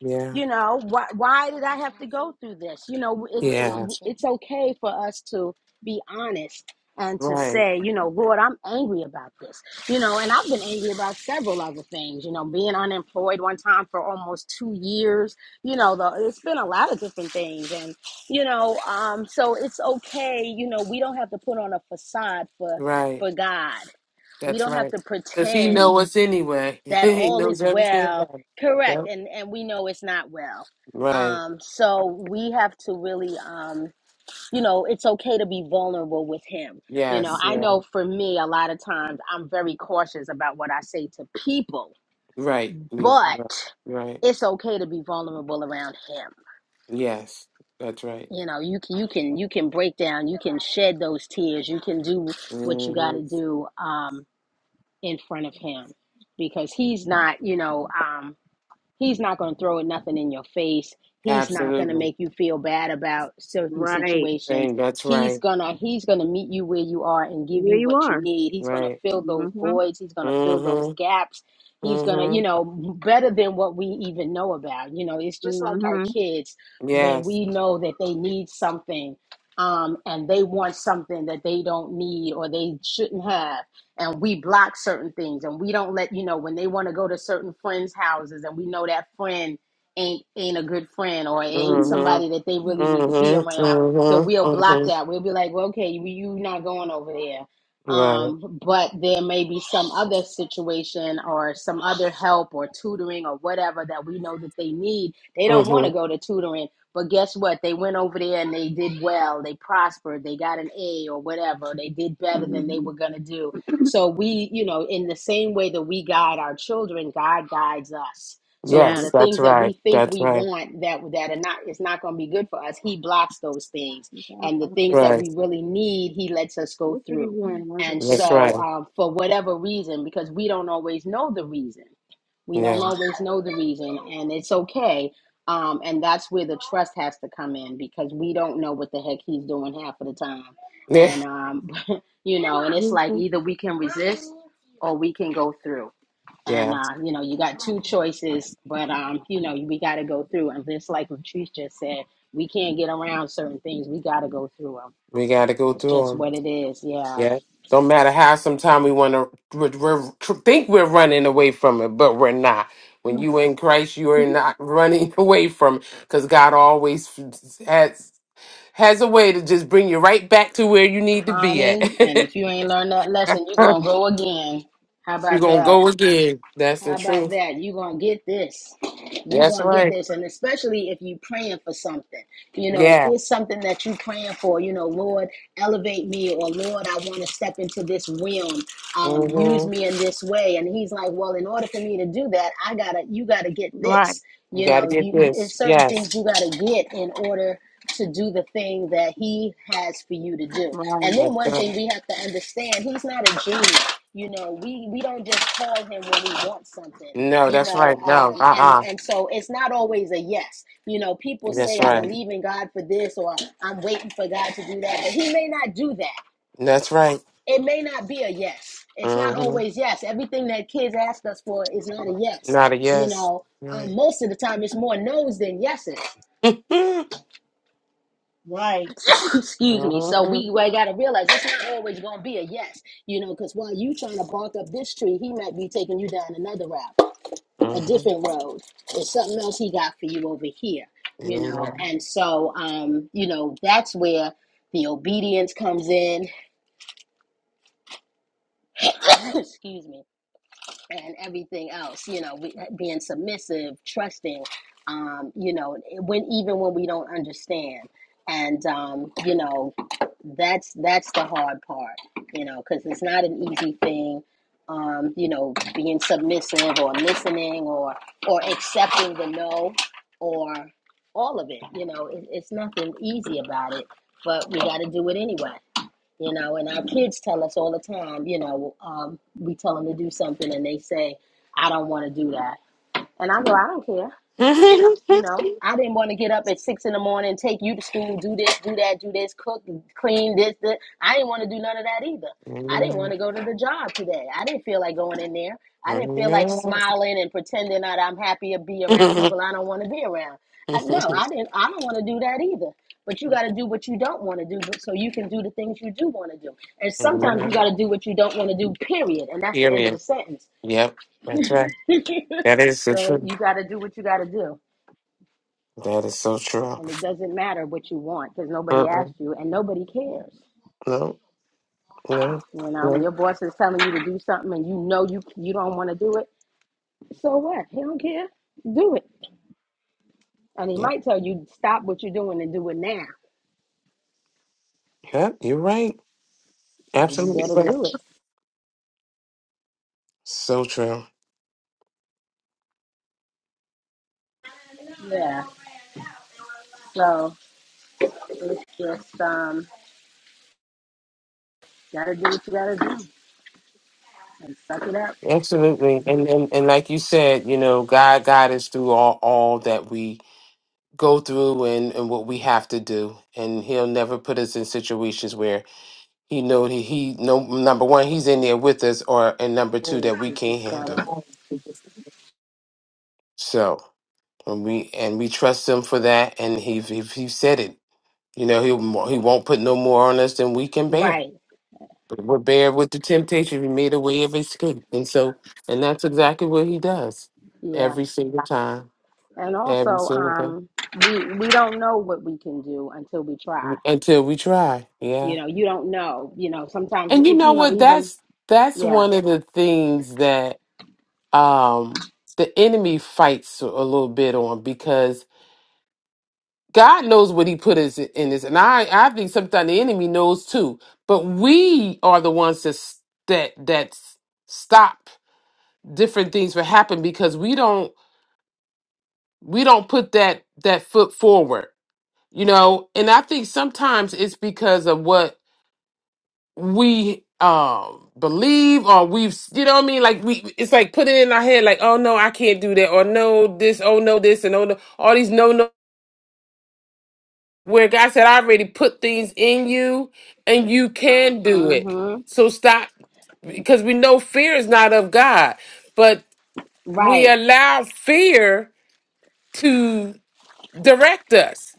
[SPEAKER 3] Yeah.
[SPEAKER 1] You know, why why did I have to go through this? You know, it's
[SPEAKER 3] Yeah.
[SPEAKER 1] it, it's okay for us to be honest and to
[SPEAKER 3] Right.
[SPEAKER 1] say, you know, Lord, I'm angry about this. You know, and I've been angry about several other things. You know, being unemployed one time for almost two years. You know, the, it's been a lot of different things, and you know, um, so it's okay. You know, we don't have to put on a facade for
[SPEAKER 3] Right.
[SPEAKER 1] for God. We
[SPEAKER 3] That's
[SPEAKER 1] don't have
[SPEAKER 3] right.
[SPEAKER 1] to
[SPEAKER 3] Because he
[SPEAKER 1] pretend
[SPEAKER 3] know us anyway.
[SPEAKER 1] that
[SPEAKER 3] he
[SPEAKER 1] all is
[SPEAKER 3] knows everything
[SPEAKER 1] well
[SPEAKER 3] about it.
[SPEAKER 1] correct
[SPEAKER 3] Yep.
[SPEAKER 1] and and we know it's not well
[SPEAKER 3] Right.
[SPEAKER 1] um so we have to really um you know it's okay to be vulnerable with him you know
[SPEAKER 3] Yes.
[SPEAKER 1] i
[SPEAKER 3] Yeah.
[SPEAKER 1] know for me a lot of times i'm very cautious about what i say to people
[SPEAKER 3] Right. Mm.
[SPEAKER 1] but
[SPEAKER 3] Right.
[SPEAKER 1] it's okay to be vulnerable around him
[SPEAKER 3] Yes, that's right.
[SPEAKER 1] you know you can you can you can break down you can shed those tears you can do what you got
[SPEAKER 3] hmm
[SPEAKER 1] to do um in front of him because he's not you know um He's not going to throw nothing in your face. He's not going to
[SPEAKER 3] Absolutely.
[SPEAKER 1] make you feel bad about certain
[SPEAKER 2] Right.
[SPEAKER 1] situations.
[SPEAKER 3] Dang, that's
[SPEAKER 1] He's
[SPEAKER 3] right.
[SPEAKER 1] going to he's going to meet you where you are and give
[SPEAKER 2] There
[SPEAKER 1] you
[SPEAKER 2] you
[SPEAKER 1] what you
[SPEAKER 2] are.
[SPEAKER 1] need. He's going to
[SPEAKER 3] Right.
[SPEAKER 1] fill
[SPEAKER 2] hmm
[SPEAKER 1] those voids. He's going to fill those
[SPEAKER 3] hmm
[SPEAKER 1] gaps. He's going to,
[SPEAKER 3] hmm
[SPEAKER 1] you know, better than what we even know about. You know, it's just like our
[SPEAKER 2] hmm
[SPEAKER 1] kids when
[SPEAKER 3] Yes.
[SPEAKER 1] we know that they need something um, and they want something that they don't need or they shouldn't have and we block certain things and we don't let you know when they want to go to certain friends' houses and we know that friend ain't ain't a good friend or ain't
[SPEAKER 3] hmm hmm
[SPEAKER 1] somebody that they really need to be around. So
[SPEAKER 3] hmm
[SPEAKER 1] we'll block
[SPEAKER 3] hmm
[SPEAKER 1] that. We'll be like, well, okay, you you not going over there.
[SPEAKER 3] Right.
[SPEAKER 1] Um, but there may be some other situation or some other help or tutoring or whatever that we know that they need. They don't want
[SPEAKER 3] hmm
[SPEAKER 1] to go to tutoring, but guess what? They went over there and they did well. They prospered. They got an A or whatever. They did better than they were gonna do so we, you know, in the same way that we guide our children, God guides us.
[SPEAKER 2] hmm
[SPEAKER 1] So with
[SPEAKER 3] Yes,
[SPEAKER 1] the
[SPEAKER 3] that's
[SPEAKER 1] things that
[SPEAKER 3] right.
[SPEAKER 1] we think
[SPEAKER 3] That's
[SPEAKER 1] we
[SPEAKER 3] right.
[SPEAKER 1] want that that are not it's not going to be good for us, he blocks those things. And the
[SPEAKER 2] Uh-uh.
[SPEAKER 1] things that
[SPEAKER 3] Right.
[SPEAKER 1] we really need, he lets us go
[SPEAKER 2] Let's figure
[SPEAKER 1] through.
[SPEAKER 2] you in,
[SPEAKER 1] And
[SPEAKER 2] Elizabeth.
[SPEAKER 3] That's
[SPEAKER 1] so
[SPEAKER 3] right.
[SPEAKER 1] um, for whatever reason, because we don't always know the reason. We don't
[SPEAKER 3] Yeah.
[SPEAKER 1] always know the reason, and it's okay. Um, and that's where the trust has to come in because we don't know what the heck he's doing half of the time.
[SPEAKER 3] Yeah.
[SPEAKER 1] And um, you know and it's like
[SPEAKER 3] hmm
[SPEAKER 1] either we can resist or we can go through and
[SPEAKER 3] Yeah.
[SPEAKER 1] uh, you know you got two choices but um you know we got to go through and just like Latrice just said we can't get around certain things we got to go through them
[SPEAKER 3] We got to go
[SPEAKER 1] that's
[SPEAKER 3] through them.
[SPEAKER 1] just what it is yeah
[SPEAKER 3] Yeah. Don't matter how sometime we want to we're, we're, tr- think we're running away from it, but we're not. When you in Christ, you are not running away from it because God always f- has has a way to just bring you right back to where you need to be at.
[SPEAKER 1] honey and if you ain't learned that lesson you're gonna go again how
[SPEAKER 3] You're
[SPEAKER 1] about
[SPEAKER 3] gonna
[SPEAKER 1] that
[SPEAKER 3] go again. That's
[SPEAKER 1] How
[SPEAKER 3] the
[SPEAKER 1] about
[SPEAKER 3] truth.
[SPEAKER 1] that? You're going to get this. You're
[SPEAKER 3] That's
[SPEAKER 1] going to get
[SPEAKER 3] right.
[SPEAKER 1] this. And especially if you're praying for something. You know, if
[SPEAKER 3] Yeah.
[SPEAKER 1] there's something that you're praying for, you know, Lord, elevate me or Lord, I want to step into this realm. Um, use
[SPEAKER 3] Mm-hmm.
[SPEAKER 1] me in this way. And he's like, well, in order for me to do that, I got to, you got to get
[SPEAKER 2] Right,
[SPEAKER 1] this.
[SPEAKER 3] You
[SPEAKER 1] You
[SPEAKER 3] got to
[SPEAKER 1] know,
[SPEAKER 3] get
[SPEAKER 1] you, you, it's
[SPEAKER 3] this.
[SPEAKER 1] certain
[SPEAKER 3] Yes.
[SPEAKER 1] things you got to get in order to do the thing that he has for you to do. And
[SPEAKER 2] right,
[SPEAKER 1] then
[SPEAKER 3] That's
[SPEAKER 1] one
[SPEAKER 3] right.
[SPEAKER 1] thing we have to understand, he's not a genie you know we we don't just call him when we want something
[SPEAKER 3] No,
[SPEAKER 1] you
[SPEAKER 3] that's
[SPEAKER 1] know
[SPEAKER 3] right. No.
[SPEAKER 1] um and
[SPEAKER 3] Uh. uh
[SPEAKER 1] and so it's not always a yes you know people
[SPEAKER 3] That's
[SPEAKER 1] say i
[SPEAKER 3] right.
[SPEAKER 1] believe in god for this or i'm waiting for god to do that but he may not do that
[SPEAKER 3] That's right.
[SPEAKER 1] it may not be a yes it's not
[SPEAKER 3] Mm-hmm.
[SPEAKER 1] always yes everything that kids ask us for is not a yes
[SPEAKER 3] Not a
[SPEAKER 1] you
[SPEAKER 3] yes.
[SPEAKER 1] know
[SPEAKER 3] Right.
[SPEAKER 1] um, most of the time it's more no's than yeses
[SPEAKER 3] Amen.
[SPEAKER 2] right.
[SPEAKER 1] excuse me so we, we got to realize it's not always going to be a yes you know because while you trying to bark up this tree he might be taking you down another route a different road. There's something else he got for you over here, you know. And so, um, you know, that's where the obedience comes in. Excuse me. and everything else you know we, being submissive trusting um you know when even when we don't understand and um you know that's that's the hard part you know because it's not an easy thing um you know being submissive or listening or or accepting the no or all of it you know it, it's nothing easy about it but we got to do it anyway you know, and our kids tell us all the time, you know, um, we tell them to do something and they say, I don't want to do that. And I go, I don't care. You know, I didn't want to get up at six in the morning, take you to school, do this, do that, do this, cook, clean this, this. I didn't want to do none of that either. I didn't want to go to the job today. I didn't feel like going in there. I didn't feel like smiling and pretending that I'm happy to be around people I don't want to be around. I, no, I didn't. I don't want to do that either. But you got to do what you don't want to do, so you can do the things you do want to do. And sometimes you got to do what you don't want to do. Period. And that's the end of
[SPEAKER 3] Period.
[SPEAKER 1] the sentence.
[SPEAKER 3] Yep. That's right. That is the
[SPEAKER 1] so
[SPEAKER 3] truth.
[SPEAKER 1] you got to do what you got to do.
[SPEAKER 3] That is so true.
[SPEAKER 1] And it doesn't matter what you want because nobody
[SPEAKER 3] Uh-uh.
[SPEAKER 1] asked you and nobody cares.
[SPEAKER 3] No, no,
[SPEAKER 1] You know, when
[SPEAKER 3] no.
[SPEAKER 1] your boss is telling you to do something and you know you you don't want to do it, so what? He don't care. Do it. And he
[SPEAKER 3] Yep.
[SPEAKER 1] might tell you stop what you're doing and do it now.
[SPEAKER 3] Yep. You're right.
[SPEAKER 1] And you
[SPEAKER 3] Absolutely
[SPEAKER 1] better
[SPEAKER 3] right.
[SPEAKER 1] do it.
[SPEAKER 3] So true.
[SPEAKER 1] Yeah. So it's just um gotta do what you gotta do and suck it up.
[SPEAKER 3] Absolutely. And, and and like you said, you know, God guide us through all all that we go through and, and what we have to do and he'll never put us in situations where he know he, he no number one he's in there with us or and number two
[SPEAKER 1] You
[SPEAKER 3] that we can't
[SPEAKER 1] just gotta
[SPEAKER 3] handle so and we and we trust him for that and he he, he said it you know he he won't put no more on us than we can bear
[SPEAKER 1] Right.
[SPEAKER 3] but we're bare with the temptation we made a way of escape and so and that's exactly what he does
[SPEAKER 1] Yeah.
[SPEAKER 3] every single time
[SPEAKER 1] And
[SPEAKER 3] every
[SPEAKER 1] also,
[SPEAKER 3] single time
[SPEAKER 1] um, we we don't know what we can do until we try.
[SPEAKER 3] until we try Yeah.
[SPEAKER 1] You know, you don't know. You know, sometimes, it,
[SPEAKER 3] And you know
[SPEAKER 1] you know,
[SPEAKER 3] what?
[SPEAKER 1] even,
[SPEAKER 3] That's that's
[SPEAKER 1] yeah.
[SPEAKER 3] one of the things that um the enemy fights a little bit on because God knows what he put is in this. And I I think sometimes the enemy knows too. But we are the ones that s- that that s- stop different things from happening because we don't we don't put that that foot forward. You know, and I think sometimes it's because of what we um believe or we've you know what I mean like we it's like put it in our head like oh no I can't do that or no this oh no this and oh no all these no no where God said I already put things in you and you can do it
[SPEAKER 1] Mm
[SPEAKER 3] so stop because we know fear is not of God but
[SPEAKER 1] hmm.
[SPEAKER 3] we
[SPEAKER 1] Right.
[SPEAKER 3] allow fear to. direct us.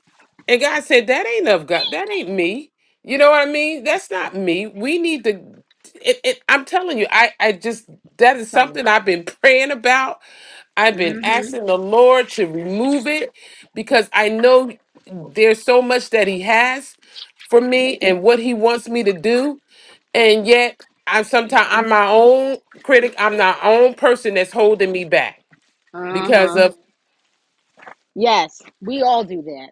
[SPEAKER 3] And God said, That ain't of God. That ain't me. You know what I mean? That's not me. We need to. It, it, I'm telling you, I, I just, that is
[SPEAKER 1] Sorry.
[SPEAKER 3] something I've been praying about. I've been
[SPEAKER 1] Mm
[SPEAKER 3] asking the Lord to remove it because I know there's so much that He has for me and what He wants me to do. And yet, I'm sometimes, I'm my own critic. I'm my own person that's holding me back
[SPEAKER 1] hmm. Uh huh.
[SPEAKER 3] because of.
[SPEAKER 1] Yes, we all do that.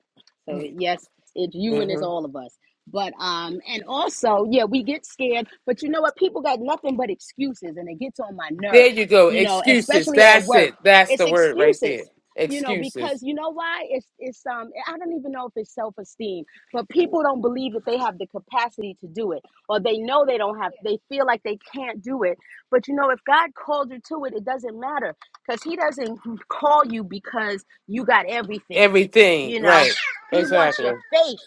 [SPEAKER 1] So yes, it's you and it's
[SPEAKER 3] Mhm.
[SPEAKER 1] all of us. But um, and also, yeah, we get scared. But you know what? People got nothing but excuses, and it gets on my
[SPEAKER 3] There
[SPEAKER 1] nerve.
[SPEAKER 3] you go.
[SPEAKER 1] You know,
[SPEAKER 3] Excuses.
[SPEAKER 1] especially at
[SPEAKER 3] That's
[SPEAKER 1] work,
[SPEAKER 3] it. That's
[SPEAKER 1] it's
[SPEAKER 3] the word right
[SPEAKER 1] excuses.
[SPEAKER 3] there.
[SPEAKER 1] You know,
[SPEAKER 3] Excuses.
[SPEAKER 1] because you know why? It's it's um, I don't even know if it's self esteem, but people don't believe that they have the capacity to do it, or they know they don't have. They feel like they can't do it. But you know, if God called you to it, it doesn't matter because he doesn't call you because you got everything.
[SPEAKER 3] Everything.
[SPEAKER 1] You know,
[SPEAKER 3] Right.
[SPEAKER 1] he wants your
[SPEAKER 3] Exactly.
[SPEAKER 1] faith.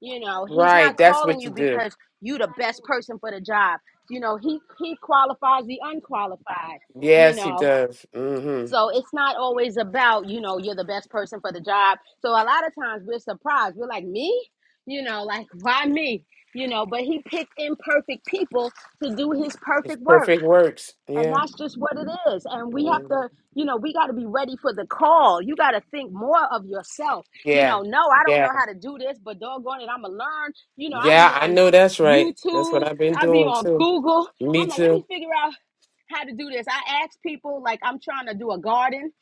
[SPEAKER 1] You know, he's
[SPEAKER 3] Right.
[SPEAKER 1] not
[SPEAKER 3] That's
[SPEAKER 1] calling
[SPEAKER 3] what
[SPEAKER 1] you
[SPEAKER 3] you do.
[SPEAKER 1] because you the best person for the job. You know, he he qualifies the unqualified, you
[SPEAKER 3] Yes, he
[SPEAKER 1] know.
[SPEAKER 3] does. Mm-hmm.
[SPEAKER 1] So it's not always about, you know, you're the best person for the job. So a lot of times we're surprised. We're like, "Me?" You know, like, "Why me?" You know, but he picked imperfect people to do his
[SPEAKER 3] It's
[SPEAKER 1] perfect work.
[SPEAKER 3] perfect works.
[SPEAKER 1] And
[SPEAKER 3] Yeah.
[SPEAKER 1] that's just what it is. And we have
[SPEAKER 3] Mhm.
[SPEAKER 1] to, you know, we got to be ready for the call. You got to think more of yourself. You
[SPEAKER 3] Yeah.
[SPEAKER 1] know, no, I don't
[SPEAKER 3] Yeah.
[SPEAKER 1] know how to do this, but doggone it, I'm going to learn. You know, I be
[SPEAKER 3] Yeah. I
[SPEAKER 1] on
[SPEAKER 3] know that's right. That's what
[SPEAKER 1] YouTube,
[SPEAKER 3] I've been
[SPEAKER 1] I be
[SPEAKER 3] doing
[SPEAKER 1] on
[SPEAKER 3] too.
[SPEAKER 1] Google.
[SPEAKER 3] Me
[SPEAKER 1] I'm like, let me
[SPEAKER 3] too.
[SPEAKER 1] figure out how to do this. I ask people, like, I'm trying to do a garden. And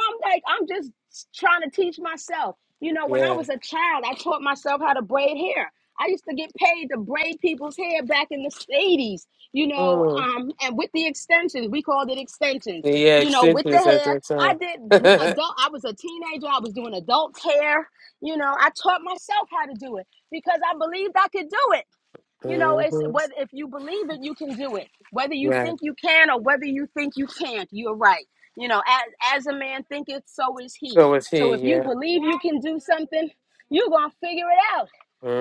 [SPEAKER 1] I'm like, I'm just trying to teach myself. You know, when I
[SPEAKER 3] Yeah.
[SPEAKER 1] was a child, I taught myself how to braid hair. I used to get paid to braid people's hair back in the 80s you know,
[SPEAKER 3] Mm.
[SPEAKER 1] um, and with the extensions, we called it extensions.
[SPEAKER 3] Yeah.
[SPEAKER 1] You know, with the
[SPEAKER 3] Extensions at
[SPEAKER 1] hair,
[SPEAKER 3] that
[SPEAKER 1] I did gr-
[SPEAKER 3] time.
[SPEAKER 1] adult. I was a teenager. I was doing adult hair. You know, I taught myself how to do it because I believed I could do it. You know, it's
[SPEAKER 3] hmm
[SPEAKER 1] whether if you believe it, you can do it. Whether you
[SPEAKER 3] Yeah.
[SPEAKER 1] think you can or whether you think you can't, you're right. You know, as as a man thinketh, so is he.
[SPEAKER 3] So was
[SPEAKER 1] So
[SPEAKER 3] he.
[SPEAKER 1] if you
[SPEAKER 3] Yeah.
[SPEAKER 1] believe you can do something, you're gonna figure it out.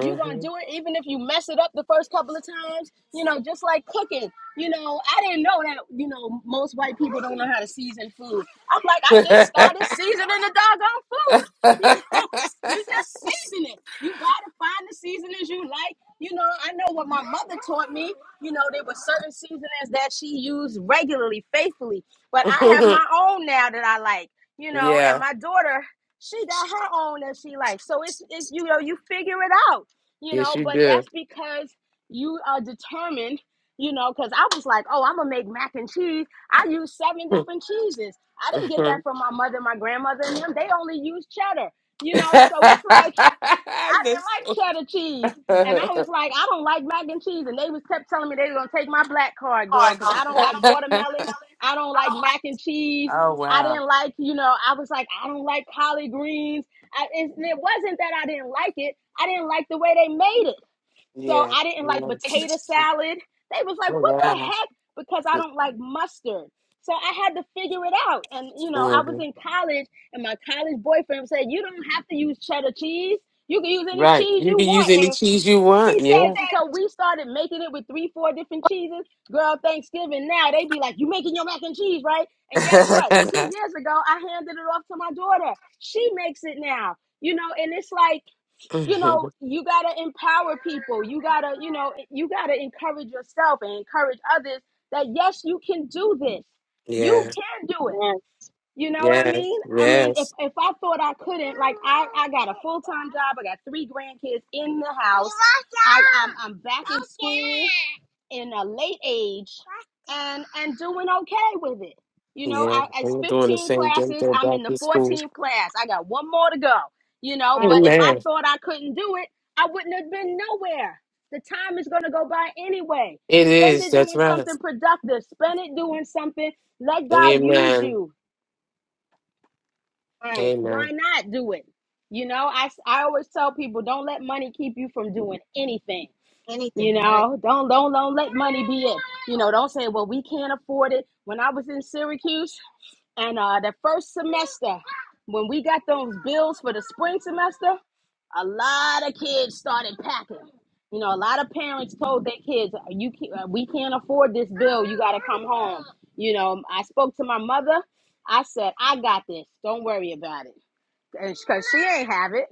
[SPEAKER 1] You're gonna do it even if you mess it up the first couple of times. You know, just like cooking. You know, I didn't know that, you know, most white people don't know how to season food. I'm like, I just started
[SPEAKER 3] hmm
[SPEAKER 1] seasoning the doggone food. You know, you just season it. You buy the finest seasonings you like you know, I know what my mother taught me. You know, there were certain seasonings that she used regularly, faithfully. But I have my own now that I like. You know, and
[SPEAKER 3] yeah.
[SPEAKER 1] my daughter, she got her own that she likes. So it's it, you know, you figure it out. You know,
[SPEAKER 3] Yes, you
[SPEAKER 1] but
[SPEAKER 3] do.
[SPEAKER 1] that's because you are determined. You know, because I was like, oh, I'm gonna make mac and cheese. I use seven different cheeses. I didn't get that from my mother, my grandmother, and them. They only use cheddar. You know,
[SPEAKER 3] That's
[SPEAKER 1] so it's like I didn't like
[SPEAKER 3] true.
[SPEAKER 1] cheddar cheese. And
[SPEAKER 3] oh,
[SPEAKER 1] I was like, I don't like mac and cheese. And they was kept telling me they were gonna take my black card, girl,
[SPEAKER 3] I go.
[SPEAKER 1] because
[SPEAKER 3] I don't
[SPEAKER 1] I
[SPEAKER 3] like
[SPEAKER 1] don't like
[SPEAKER 3] watermelon. I don't
[SPEAKER 1] watermelon. I don't like
[SPEAKER 3] like.
[SPEAKER 1] mac and cheese.
[SPEAKER 3] Oh
[SPEAKER 1] I
[SPEAKER 3] wow.
[SPEAKER 1] didn't like, you know, I was like, I don't like collard greens. I, it, it wasn't that I didn't like it. I didn't like the way they made it. So
[SPEAKER 3] Yeah.
[SPEAKER 1] I didn't like
[SPEAKER 3] yeah.
[SPEAKER 1] potato salad. They was like,
[SPEAKER 3] Oh
[SPEAKER 1] what the
[SPEAKER 3] wow.
[SPEAKER 1] heck? Because I don't like mustard. So I had to figure it out. And, you know, I was
[SPEAKER 3] Mhm.
[SPEAKER 1] in college and my college boyfriend said, you don't have to use cheddar cheese. You can use any
[SPEAKER 3] Right.
[SPEAKER 1] cheese
[SPEAKER 3] You
[SPEAKER 1] you
[SPEAKER 3] can use
[SPEAKER 1] want.
[SPEAKER 3] any
[SPEAKER 1] And
[SPEAKER 3] cheese you want.
[SPEAKER 1] he
[SPEAKER 3] Yeah.
[SPEAKER 1] said, so we started making it with three, four different cheeses. Girl, Thanksgiving now, they be like, you making your mac and cheese, right? And guess what? Two years ago, I handed it off to my daughter. She makes it now. You know, and it's like, you
[SPEAKER 3] Mhm.
[SPEAKER 1] know you got to empower people you got to you know you got to encourage yourself and encourage others that yes you can do this you
[SPEAKER 3] yeah.
[SPEAKER 1] can do it
[SPEAKER 2] And,
[SPEAKER 1] you know what i
[SPEAKER 3] Yes.
[SPEAKER 1] mean i mean if
[SPEAKER 3] Yes.
[SPEAKER 1] if i thought i couldn't like i i got a full-time job i got three grandkids in the house I, I'm, I'm back in school in a late age and and doing okay with it. You know,
[SPEAKER 3] Yeah.
[SPEAKER 1] I it's
[SPEAKER 3] We're doing the
[SPEAKER 1] 15
[SPEAKER 3] same thing
[SPEAKER 1] classes.
[SPEAKER 3] though
[SPEAKER 1] I'm
[SPEAKER 3] back
[SPEAKER 1] in the
[SPEAKER 3] to school.
[SPEAKER 1] 14th class. I got one more to go. You know, but if I
[SPEAKER 3] Amen.
[SPEAKER 1] thought I couldn't do it, I wouldn't have been nowhere. The time is going to go by anyway.
[SPEAKER 3] It
[SPEAKER 1] Spend
[SPEAKER 3] is.
[SPEAKER 1] it
[SPEAKER 3] That's
[SPEAKER 1] doing
[SPEAKER 3] right.
[SPEAKER 1] something productive. Spend it doing something. Let God use
[SPEAKER 3] Amen.
[SPEAKER 1] you.
[SPEAKER 3] Amen.
[SPEAKER 1] Why not do it? You know, I, I always tell people don't let money keep you from doing anything you know, don't don't don't let money be it. You know, don't say, well, we can't afford it. When I was in Syracuse, and uh, the first semester, when we got those bills for the spring semester, a lot of kids started packing. You know, a lot of parents told their kids, "Uh, "You can, uh, we can't afford this bill. You got to come home." You know, I spoke to my mother. I said, "I got this. Don't worry about it." and because she ain't have it.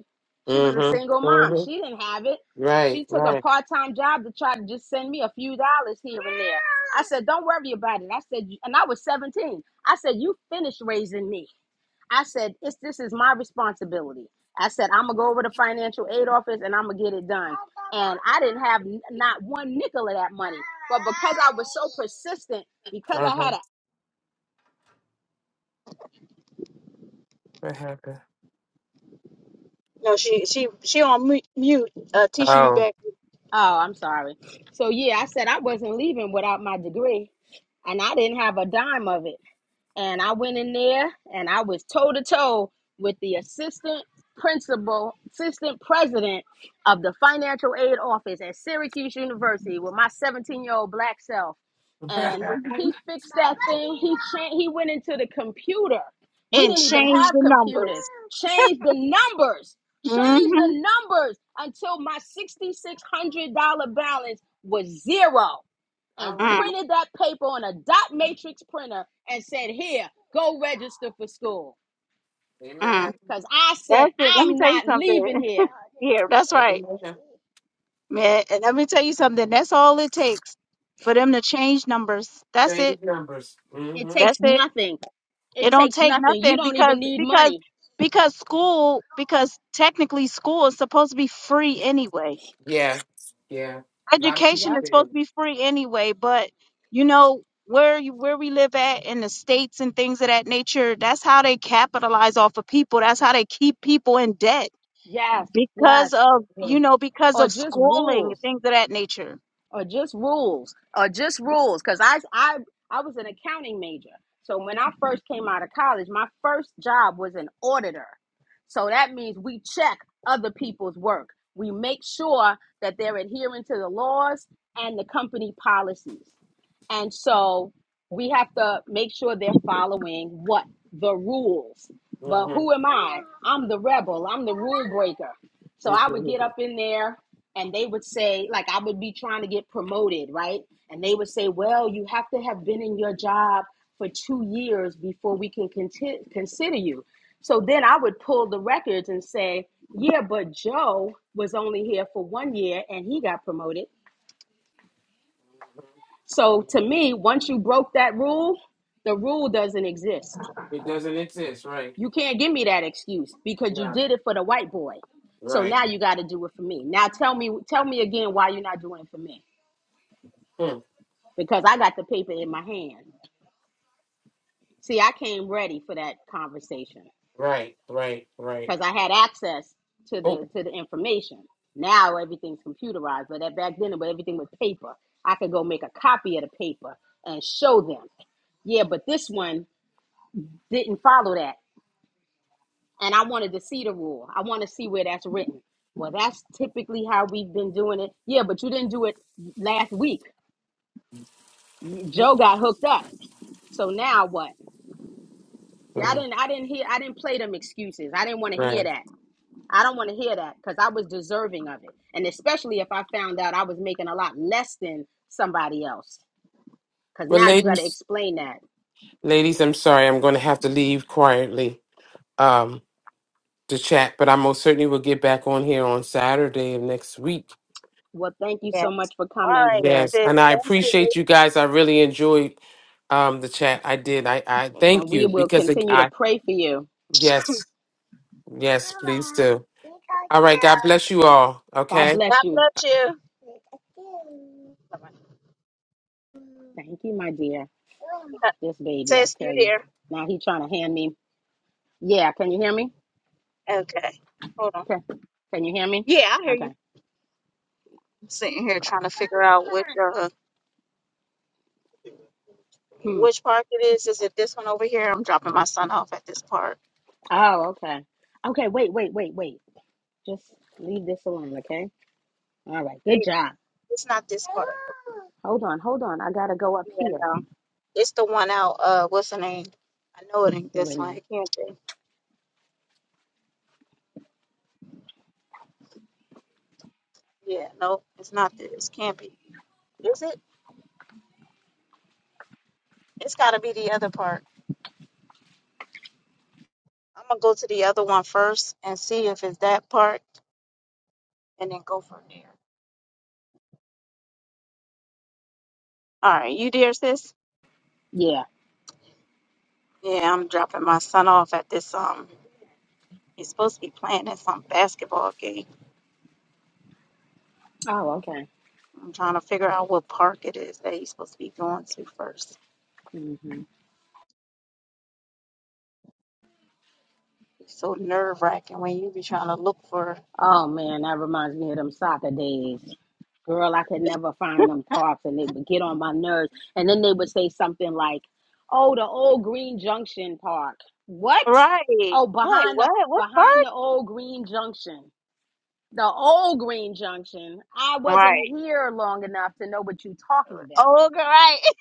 [SPEAKER 1] She was a single
[SPEAKER 3] Mm-hmm.
[SPEAKER 1] mom.
[SPEAKER 3] Mm-hmm.
[SPEAKER 1] She didn't have it.
[SPEAKER 3] Right,
[SPEAKER 1] She took a
[SPEAKER 3] right.
[SPEAKER 1] part time job to try to just send me a few dollars here and there. I said, "Don't worry about it." I said, and I was 17. I said, "You finished raising me." I said, "It's this is my responsibility." I said, "I'm gonna go over to financial aid office and I'm gonna get it done." And I didn't have n- not one nickel of that money, but because I was so persistent, because I
[SPEAKER 3] Uh-huh.
[SPEAKER 1] had an
[SPEAKER 3] What happened?
[SPEAKER 2] no, she she she on mu- mute. Uh, Tisha, you
[SPEAKER 3] Oh.
[SPEAKER 2] back?
[SPEAKER 1] Oh, I'm sorry. So yeah, I said I wasn't leaving without my degree, and I didn't have a dime of it and I went in there and I was toe to toe with the assistant principal, assistant president of the financial aid office at Syracuse University with my 17 year old black self. And
[SPEAKER 2] hmm
[SPEAKER 1] he fixed that thing. He changed, he went into the computer. We
[SPEAKER 2] And
[SPEAKER 1] didn't even
[SPEAKER 2] change
[SPEAKER 1] have
[SPEAKER 2] the
[SPEAKER 1] computers.
[SPEAKER 2] numbers.
[SPEAKER 1] Changed the numbers. Changed
[SPEAKER 2] Mm-hmm.
[SPEAKER 1] the numbers until my $6,600 balance was zero
[SPEAKER 3] All
[SPEAKER 1] and
[SPEAKER 3] right.
[SPEAKER 1] printed that paper on a dot matrix printer and said, Here, go register for school.
[SPEAKER 2] Mm-hmm.
[SPEAKER 3] Amen.
[SPEAKER 1] Because I said,
[SPEAKER 2] That's it. Let me
[SPEAKER 1] I'm
[SPEAKER 2] tell you
[SPEAKER 1] not
[SPEAKER 2] something.
[SPEAKER 1] leaving here.
[SPEAKER 2] Yeah, that's right,
[SPEAKER 3] Amen.
[SPEAKER 2] man. And let me tell you something. That's all it takes for them to change numbers. That's it.
[SPEAKER 3] Change numbers.
[SPEAKER 1] It
[SPEAKER 3] Mm-hmm.
[SPEAKER 2] That's
[SPEAKER 1] takes
[SPEAKER 2] it.
[SPEAKER 1] nothing.
[SPEAKER 2] It
[SPEAKER 1] It
[SPEAKER 2] don't
[SPEAKER 1] takes
[SPEAKER 2] take
[SPEAKER 1] nothing. You
[SPEAKER 2] nothing
[SPEAKER 1] don't
[SPEAKER 2] because
[SPEAKER 1] even need
[SPEAKER 2] because
[SPEAKER 1] money.
[SPEAKER 2] because school because technically school is supposed to be free anyway.
[SPEAKER 3] Yeah. Yeah. A lot of
[SPEAKER 2] education
[SPEAKER 3] people
[SPEAKER 1] Yep.
[SPEAKER 2] is
[SPEAKER 3] say
[SPEAKER 2] supposed
[SPEAKER 3] that.
[SPEAKER 2] to be free anyway, but you know where you where we live at in the states and things of that nature, that's how they capitalize off of people. That's how they keep people in debt
[SPEAKER 1] Yes.
[SPEAKER 2] because
[SPEAKER 1] Yes.
[SPEAKER 2] of you know because
[SPEAKER 1] Or
[SPEAKER 2] of
[SPEAKER 1] just
[SPEAKER 2] schooling and
[SPEAKER 1] rules
[SPEAKER 2] things of that nature.
[SPEAKER 1] or just rules or just rules because I, I i was an accounting major so when i first came out of college my first job was an auditor so that means we check other people's work we make sure that they're adhering to the laws and the company policies and so we have to make sure they're following what the rules but
[SPEAKER 3] Mm-hmm.
[SPEAKER 1] who am i i'm the rebel i'm the rule breaker
[SPEAKER 3] Mm-hmm.
[SPEAKER 1] so i would get up in there and they would say like i would be trying to get promoted right and they would say well you have to have been in your job for two years before we can conti- consider you so then i would pull the records and say yeah but joe was only here for one year and he got promoted so to me once you broke that rule the rule doesn't exist
[SPEAKER 3] It doesn't exist, right?
[SPEAKER 1] you can't give me that excuse because you
[SPEAKER 3] No.
[SPEAKER 1] did it for the white boy so
[SPEAKER 3] Right.
[SPEAKER 1] now you got to do it for me now tell me tell me again why you're not doing it for me
[SPEAKER 3] Hmm.
[SPEAKER 1] because I got the paper in my hand. See, I came ready for that conversation
[SPEAKER 3] Right. Right. Right.
[SPEAKER 1] because I had access to
[SPEAKER 3] Oh.
[SPEAKER 1] the to the information. Now everything's computerized, but that back then, but everything was paper. I could go make a copy of the paper and show them. Yeah, but this one didn't follow that, and I wanted to see the rule. I want to see where that's written. Well, that's typically how we've been doing it. Yeah, but you didn't do it last week. Joe got hooked up. So now what? See, I
[SPEAKER 3] Mhm.
[SPEAKER 1] didn't, I didn't hear, I didn't play them excuses. I didn't want to
[SPEAKER 3] Right.
[SPEAKER 1] hear that. I don't want to hear that because I was deserving of it, and especially if I found out I was making a lot less than somebody else. Because
[SPEAKER 3] Well,
[SPEAKER 1] now you got to
[SPEAKER 3] ladies,
[SPEAKER 1] explain that.
[SPEAKER 3] ladies, I'm sorry. I'm going to have to leave quietly. Um, the chat, but I most certainly will get back on here on Saturday of next week.
[SPEAKER 1] Well, thank you
[SPEAKER 2] Yeah.
[SPEAKER 1] so much for
[SPEAKER 2] All
[SPEAKER 1] coming,
[SPEAKER 2] right,
[SPEAKER 1] sis,
[SPEAKER 3] Yes,
[SPEAKER 2] sis.
[SPEAKER 3] and I
[SPEAKER 2] Thank you.
[SPEAKER 3] appreciate you guys. I really enjoyed um, the chat. I did. I, I
[SPEAKER 1] and
[SPEAKER 3] thank
[SPEAKER 1] we
[SPEAKER 3] you
[SPEAKER 1] will
[SPEAKER 3] because it,
[SPEAKER 1] continue to
[SPEAKER 3] I
[SPEAKER 1] pray for you.
[SPEAKER 3] yes yes please do. All right. God bless you all.
[SPEAKER 1] God
[SPEAKER 3] Okay.
[SPEAKER 1] bless
[SPEAKER 2] God
[SPEAKER 1] you.
[SPEAKER 2] bless you. Bye-bye.
[SPEAKER 1] Thank you, my dear. This baby, I
[SPEAKER 2] Sis, you
[SPEAKER 1] tell you.
[SPEAKER 2] there?
[SPEAKER 1] Now he trying to hand me. Yeah, can you hear me?
[SPEAKER 2] Okay. Hold on.
[SPEAKER 1] Okay. Can you hear me?
[SPEAKER 2] Yeah, I hear you.
[SPEAKER 1] Okay.
[SPEAKER 2] I'm sitting here trying to figure out which uh
[SPEAKER 1] Hmm.
[SPEAKER 2] which park it is. Is it this one over here? I'm dropping my son off at this park.
[SPEAKER 1] Oh, okay. Okay, wait, wait, wait, wait. Just leave this alone, okay? All right, good job.
[SPEAKER 2] It's not this part.
[SPEAKER 1] Hold on, hold on. I gotta go up
[SPEAKER 2] Even
[SPEAKER 1] here.
[SPEAKER 2] though it's the one out. Uh, what's the name? I know it ain't
[SPEAKER 1] Yeah, wait
[SPEAKER 2] this
[SPEAKER 1] a
[SPEAKER 2] one.
[SPEAKER 1] minute.
[SPEAKER 2] It can't be. Yeah, no, it's not this. Can't be. Is it? It's got to be the other part. I'm gonna go to the other one first and see if it's that part, and then go from there. All right, you there, sis?
[SPEAKER 1] Yeah.
[SPEAKER 2] It's in
[SPEAKER 1] Oh, okay. hmm
[SPEAKER 2] your-
[SPEAKER 1] Oh man, that reminds me of them soccer days. Girl, I could never find them parks, and they would get on my nerves. And then they would say something like, "Oh, the old Green Junction Park." What?
[SPEAKER 2] Right.
[SPEAKER 1] Oh,
[SPEAKER 2] I'm Like
[SPEAKER 1] behind the
[SPEAKER 2] what? What
[SPEAKER 1] behind
[SPEAKER 2] part?
[SPEAKER 1] the old Green Junction. The old Green Junction. I wasn't
[SPEAKER 2] Right.
[SPEAKER 1] here long enough to know what you're talking about.
[SPEAKER 2] Oh, right.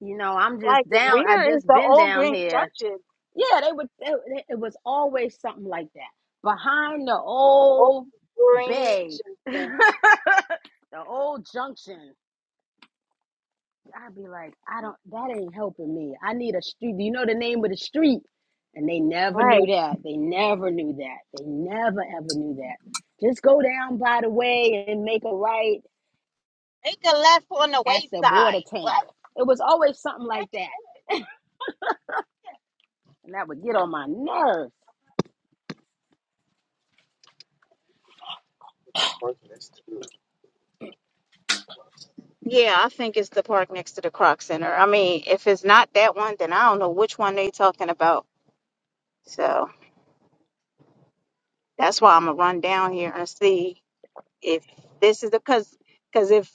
[SPEAKER 1] you know, I'm just
[SPEAKER 2] Like
[SPEAKER 1] down. I
[SPEAKER 2] where is
[SPEAKER 1] just
[SPEAKER 2] the
[SPEAKER 1] been
[SPEAKER 2] old
[SPEAKER 1] down
[SPEAKER 2] green
[SPEAKER 1] here.
[SPEAKER 2] junction?
[SPEAKER 1] Yeah, they would. It, it was always something like that behind the
[SPEAKER 2] Old
[SPEAKER 1] old
[SPEAKER 2] green
[SPEAKER 1] bay, the
[SPEAKER 2] junction.
[SPEAKER 1] old junction. I'd be like, I don't. That ain't helping me. I need a street. Do you know the name of the street? And they never
[SPEAKER 2] Right.
[SPEAKER 1] knew that. They never knew that. They never ever knew that. Just go down by the way and make a right
[SPEAKER 2] Make a left on the
[SPEAKER 1] at the water
[SPEAKER 2] wayside.
[SPEAKER 1] tank.
[SPEAKER 2] What?
[SPEAKER 1] It was always something like that, and that would get on my nerves.
[SPEAKER 2] Yeah, I think it's the park next to the Croc Center. I mean, if it's not that one, then I don't know which one they talking about. So that's why I'm gonna run down here and see if this is the cause. Cause if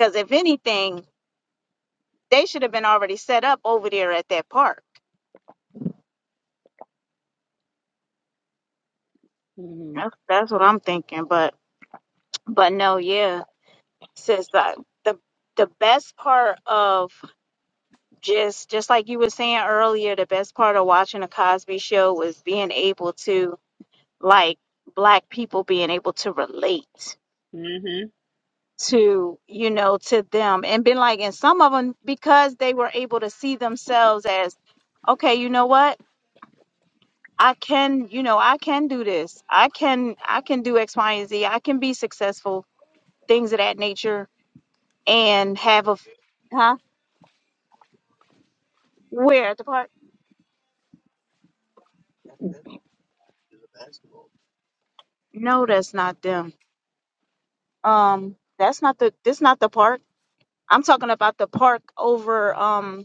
[SPEAKER 2] cause if anything, they should have been already set up over there at that park.
[SPEAKER 1] hmm
[SPEAKER 2] That's that's what I'm thinking. But but no, yeah, since the the the best part of just just like you were saying earlier, the best part of watching a Cosby Show was being able to like black people being able to relate
[SPEAKER 1] hmm
[SPEAKER 2] to you know to them and been like and some of them because they were able to see themselves as okay you know what i can you know i can do this i can i can do x y and z i can be successful things of that nature and have a f- huh where at the park no that's not them um that's not the this not the park i'm talking about the park over um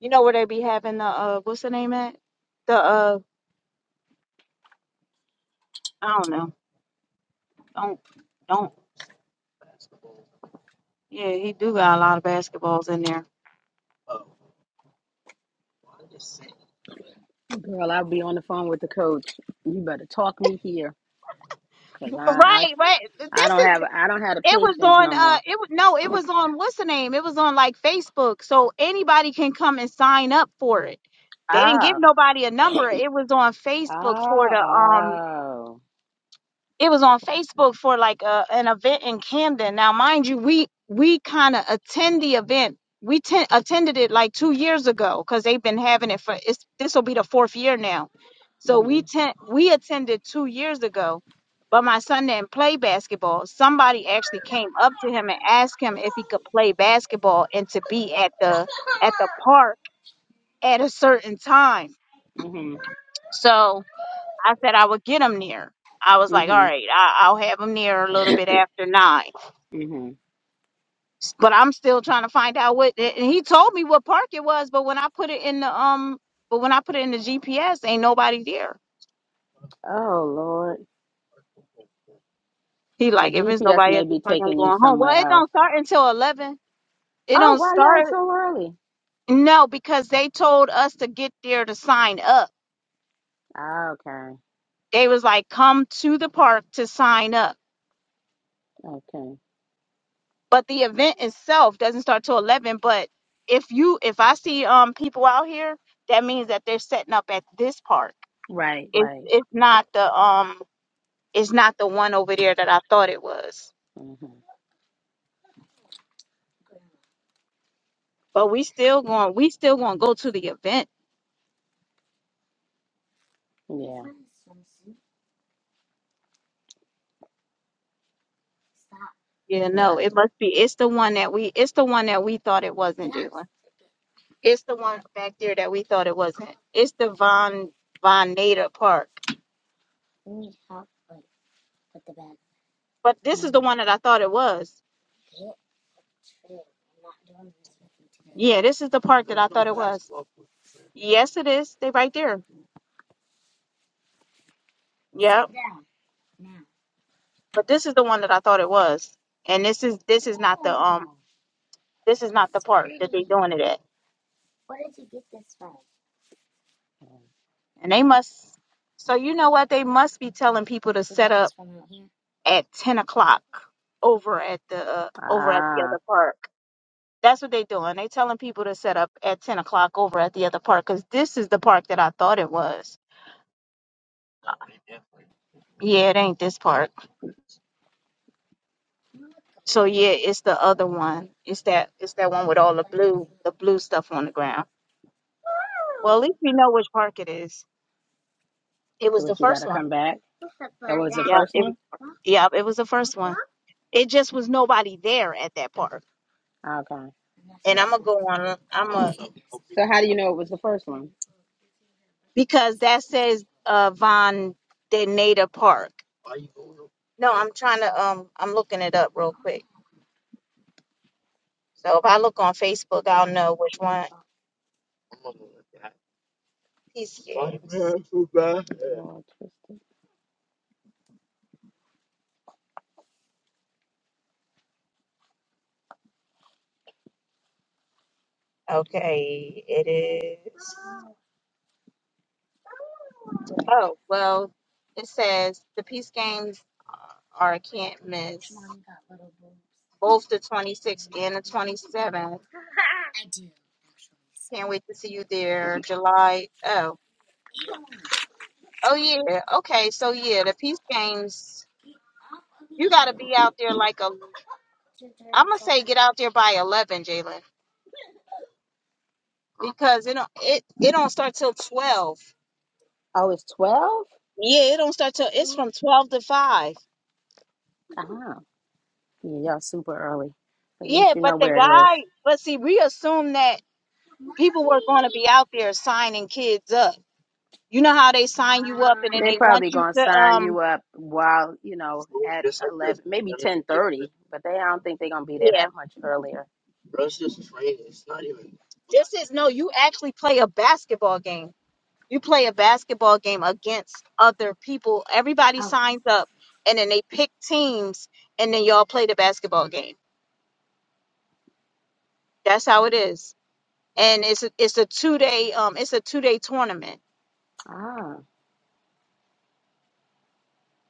[SPEAKER 2] You know where they be having the uh what's the name at? The uh I don't know. Don't don't yeah, he do got a lot of basketballs in there.
[SPEAKER 1] Girl, I'll be on the phone with the coach. You better talk me here, cause I I,
[SPEAKER 2] Right, right.
[SPEAKER 1] I
[SPEAKER 2] This
[SPEAKER 1] don't
[SPEAKER 2] is
[SPEAKER 1] have I don't have the
[SPEAKER 2] it was
[SPEAKER 1] patience
[SPEAKER 2] on
[SPEAKER 1] no
[SPEAKER 2] uh
[SPEAKER 1] more.
[SPEAKER 2] it was no, it was on what's the name? It was on like Facebook. So anybody can come and sign up for it. They didn't give
[SPEAKER 1] Oh,
[SPEAKER 2] nobody a number. It was on Facebook for
[SPEAKER 1] oh,
[SPEAKER 2] the um
[SPEAKER 1] oh.
[SPEAKER 2] it was on Facebook for like a, an event in Camden. Now, mind you, we we kind of attend the event. We ten, attended it like two years ago because they've been having it for it's this will be the fourth year now. So we
[SPEAKER 1] Mhm,
[SPEAKER 2] ten, we attended two years ago, but my son didn't play basketball. Somebody actually came up to him and asked him if he could play basketball and to be at the at the park at a certain time.
[SPEAKER 1] mhm,
[SPEAKER 2] So I said I would get them there. I was like, all
[SPEAKER 1] mhm,
[SPEAKER 2] right, I, I'll have them there a little bit after nine.
[SPEAKER 1] mhm.
[SPEAKER 2] S- But I'm still trying to find out what. And he told me what park it was, but when I put it in the um, but when I put it in the GPS, ain't nobody there.
[SPEAKER 1] Oh Lord,
[SPEAKER 2] He
[SPEAKER 1] the
[SPEAKER 2] like, if it's
[SPEAKER 1] GPS
[SPEAKER 2] nobody
[SPEAKER 1] may
[SPEAKER 2] at this
[SPEAKER 1] be
[SPEAKER 2] park, I'm
[SPEAKER 1] taking you
[SPEAKER 2] going home.
[SPEAKER 1] somewhere
[SPEAKER 2] Well, it don't
[SPEAKER 1] else.
[SPEAKER 2] start until eleven. It
[SPEAKER 1] Oh,
[SPEAKER 2] don't
[SPEAKER 1] why y'all
[SPEAKER 2] start.
[SPEAKER 1] so early?
[SPEAKER 2] No, because they told us to get there to sign up.
[SPEAKER 1] Ah, okay,
[SPEAKER 2] They was like, come to the park to sign up.
[SPEAKER 1] okay.
[SPEAKER 2] but the event itself doesn't start till 11 but if you if i see um people out here that means that they're setting up at this park
[SPEAKER 1] Right,
[SPEAKER 2] it's
[SPEAKER 1] right.
[SPEAKER 2] it's not the um it's not the one over there that i thought it was
[SPEAKER 1] Mhm.
[SPEAKER 2] but we still going we still going to go to the event
[SPEAKER 1] Yeah.
[SPEAKER 2] you know
[SPEAKER 1] Got
[SPEAKER 2] it
[SPEAKER 1] it.
[SPEAKER 2] must be it's the one that we it's the one that we thought it wasn't Jalen. it's the one back there that we thought it wasn't it's the von von nader park but this is the one that i thought it was yeah this is the park yes it is they right there Yeah,
[SPEAKER 1] Mhm.
[SPEAKER 2] but this is the one that I thought it was, and this is this is not the um
[SPEAKER 1] Oh,
[SPEAKER 2] this is not
[SPEAKER 1] this
[SPEAKER 2] the
[SPEAKER 1] is
[SPEAKER 2] park that they're
[SPEAKER 1] pretty.
[SPEAKER 2] doing it at,
[SPEAKER 1] Where did you get this from? You
[SPEAKER 2] and they must. So you know what? They must be telling people to set
[SPEAKER 1] got
[SPEAKER 2] up
[SPEAKER 1] this from out here?
[SPEAKER 2] at ten o'clock over at the uh, over at the
[SPEAKER 1] Ah,
[SPEAKER 2] other park. That's what they're doing. They telling people to set up at ten o'clock over at the other park because this is the park that I thought it was. Yeah, it ain't this park. So yeah, it's the other one. It's that it's that one with all the blue the blue stuff on the ground. Well, at least we know which park it is. It
[SPEAKER 1] so
[SPEAKER 2] was the
[SPEAKER 1] what you got
[SPEAKER 2] first
[SPEAKER 1] to
[SPEAKER 2] one.
[SPEAKER 1] come back? That was the Uh-huh.
[SPEAKER 2] Yeah,
[SPEAKER 1] first
[SPEAKER 2] it
[SPEAKER 1] one?
[SPEAKER 2] yeah, it was the first one. It just was nobody there at that part.
[SPEAKER 1] Okay.
[SPEAKER 2] And I'm gonna go on I'm,
[SPEAKER 1] So how do you know it was the first one?
[SPEAKER 2] because that says uh Von Denata Park. No, I'm trying to um I'm looking it up real quick. So if I look on Facebook, I'll know which one he's
[SPEAKER 1] Lord, twisted.
[SPEAKER 2] Okay, it is. Oh well, it says the Peace Games are a can't miss. Both the 26th and the 27th Can't wait to see you there, July. Oh, oh yeah. Okay, so yeah, the Peace Games. You got to be out there like a. I'm gonna say get out there by eleven, Jalen, because it don't it it don't start till twelve.
[SPEAKER 1] Oh, it's 12?
[SPEAKER 2] Yeah, it don't start till it's from twelve to five.
[SPEAKER 1] Ah, yeah, y'all super early. At
[SPEAKER 2] Yeah,
[SPEAKER 1] least you
[SPEAKER 2] but
[SPEAKER 1] know
[SPEAKER 2] the
[SPEAKER 1] where it is.
[SPEAKER 2] guy, but see, we assume that people were going to be out there signing kids up. You know how they sign you up and then
[SPEAKER 1] They
[SPEAKER 2] they want
[SPEAKER 1] probably
[SPEAKER 2] you
[SPEAKER 1] gonna
[SPEAKER 2] to
[SPEAKER 1] sign
[SPEAKER 2] um
[SPEAKER 1] you up while you know at eleven, maybe ten thirty, but they I don't think they're gonna be there
[SPEAKER 2] yeah.
[SPEAKER 1] that much earlier.
[SPEAKER 2] This is no, you actually play a basketball game. You play a basketball game against other people. Everybody signs up and then they pick teams and then y'all play the basketball game. That's how it is. And it's a, it's a two day um it's a two day tournament.
[SPEAKER 1] Ah.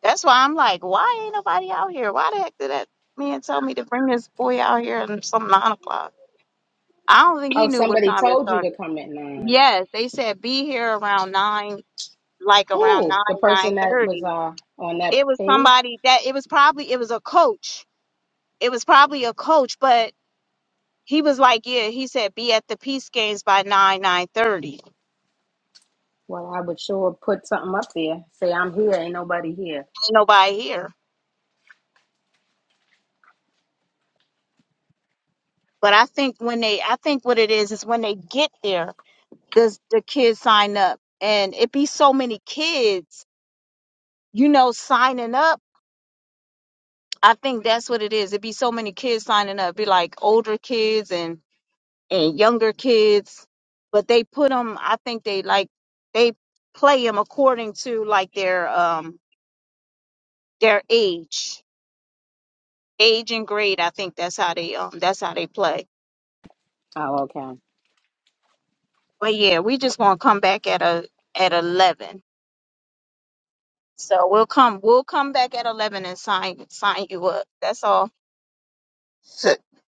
[SPEAKER 2] That's why I'm like, why ain't nobody out here? Why the heck did that man tell me to bring this boy out here at some nine o'clock? I don't think he
[SPEAKER 1] Oh,
[SPEAKER 2] knew what
[SPEAKER 1] somebody
[SPEAKER 2] time it
[SPEAKER 1] told you to
[SPEAKER 2] started.
[SPEAKER 1] come at nine.
[SPEAKER 2] Yes, they said be here around nine, like around
[SPEAKER 1] Who?
[SPEAKER 2] nine
[SPEAKER 1] The
[SPEAKER 2] nine
[SPEAKER 1] person that was
[SPEAKER 2] thirty.
[SPEAKER 1] uh on that
[SPEAKER 2] It was
[SPEAKER 1] page?
[SPEAKER 2] somebody that it was probably it was a coach it was probably a coach, but he was like, yeah, he said be at the peace games by nine nine thirty.
[SPEAKER 1] Well, I would sure put something up there. Say I'm here. Ain't nobody here.
[SPEAKER 2] Ain't nobody here. But I think when they, I think what it is is when they get there, does the kids sign up? And it be so many kids, you know, signing up. I think that's what it is. It be so many kids signing up, be like older kids and and younger kids, but they put them. I think they like they play them according to like their um their age age and grade. I think that's how they um that's how they play.
[SPEAKER 1] Oh, okay.
[SPEAKER 2] But yeah, we just want to come back at a at eleven. So we'll come we'll come back at eleven and sign sign you up. That's all.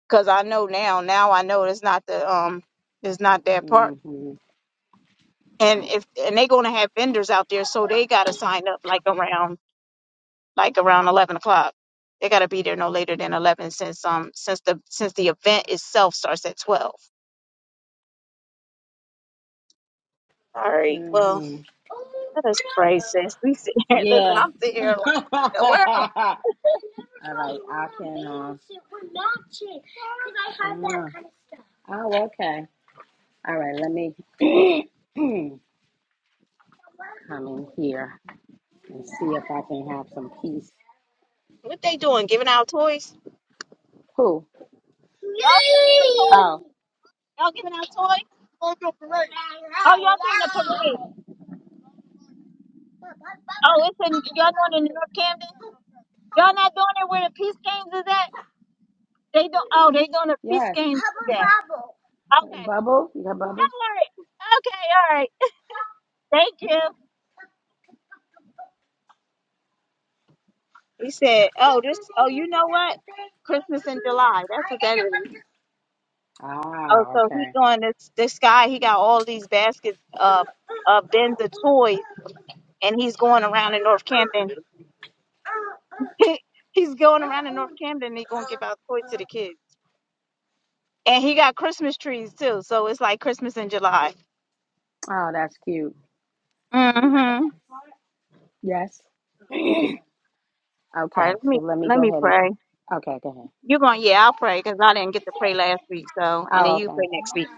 [SPEAKER 2] Cause I know now now I know it's not the um it's not that part.
[SPEAKER 1] Mhm.
[SPEAKER 2] And if and they gonna have vendors out there, so they gotta sign up like around like around eleven o'clock. They gotta be there no later than eleven since um since the since the event itself starts at twelve. All right. Well.
[SPEAKER 1] Mhm.
[SPEAKER 2] Let us pray, sis. We sit here. Listen,
[SPEAKER 1] Yeah.
[SPEAKER 2] I'm sitting here like,
[SPEAKER 1] All
[SPEAKER 2] in the world,
[SPEAKER 1] Oh, okay. All right. Let me come in here and see if I can have some peace.
[SPEAKER 2] what they doing? Giving out toys?
[SPEAKER 1] Who?
[SPEAKER 2] Y'all, get- y'all get toys? Oh, y'all doing a parade? Oh, it's in y'all doing in North Camden? Y'all doing the games of that? They do. Oh, they doing a peace
[SPEAKER 1] yes.
[SPEAKER 2] game today. Okay,
[SPEAKER 1] Bubble? You got bubble?
[SPEAKER 2] all right. Okay, all right. Thank you. He said, "Oh, this. Oh, you know what? Christmas in July. That's what that is. Oh,
[SPEAKER 1] Ah,
[SPEAKER 2] so he
[SPEAKER 1] okay.
[SPEAKER 2] going this this guy. He got all these baskets, uh, uh, bins of toys, and he's going around in North Camden He he's going around in North Camden. and He gonna give out toys to the kids, and he got Christmas trees too. So it's like Christmas in July.
[SPEAKER 1] Oh, that's cute.
[SPEAKER 2] Mm-hmm.
[SPEAKER 1] Yes.
[SPEAKER 2] All
[SPEAKER 1] Okay.
[SPEAKER 2] right, let me
[SPEAKER 1] So let me
[SPEAKER 2] let
[SPEAKER 1] go
[SPEAKER 2] me
[SPEAKER 1] ahead and.
[SPEAKER 2] pray.
[SPEAKER 1] Okay, go ahead.
[SPEAKER 2] You're going, to yeah, I'll pray because I didn't get to pray last week. So, and then
[SPEAKER 1] Oh,
[SPEAKER 2] you pray
[SPEAKER 1] okay.
[SPEAKER 2] next week.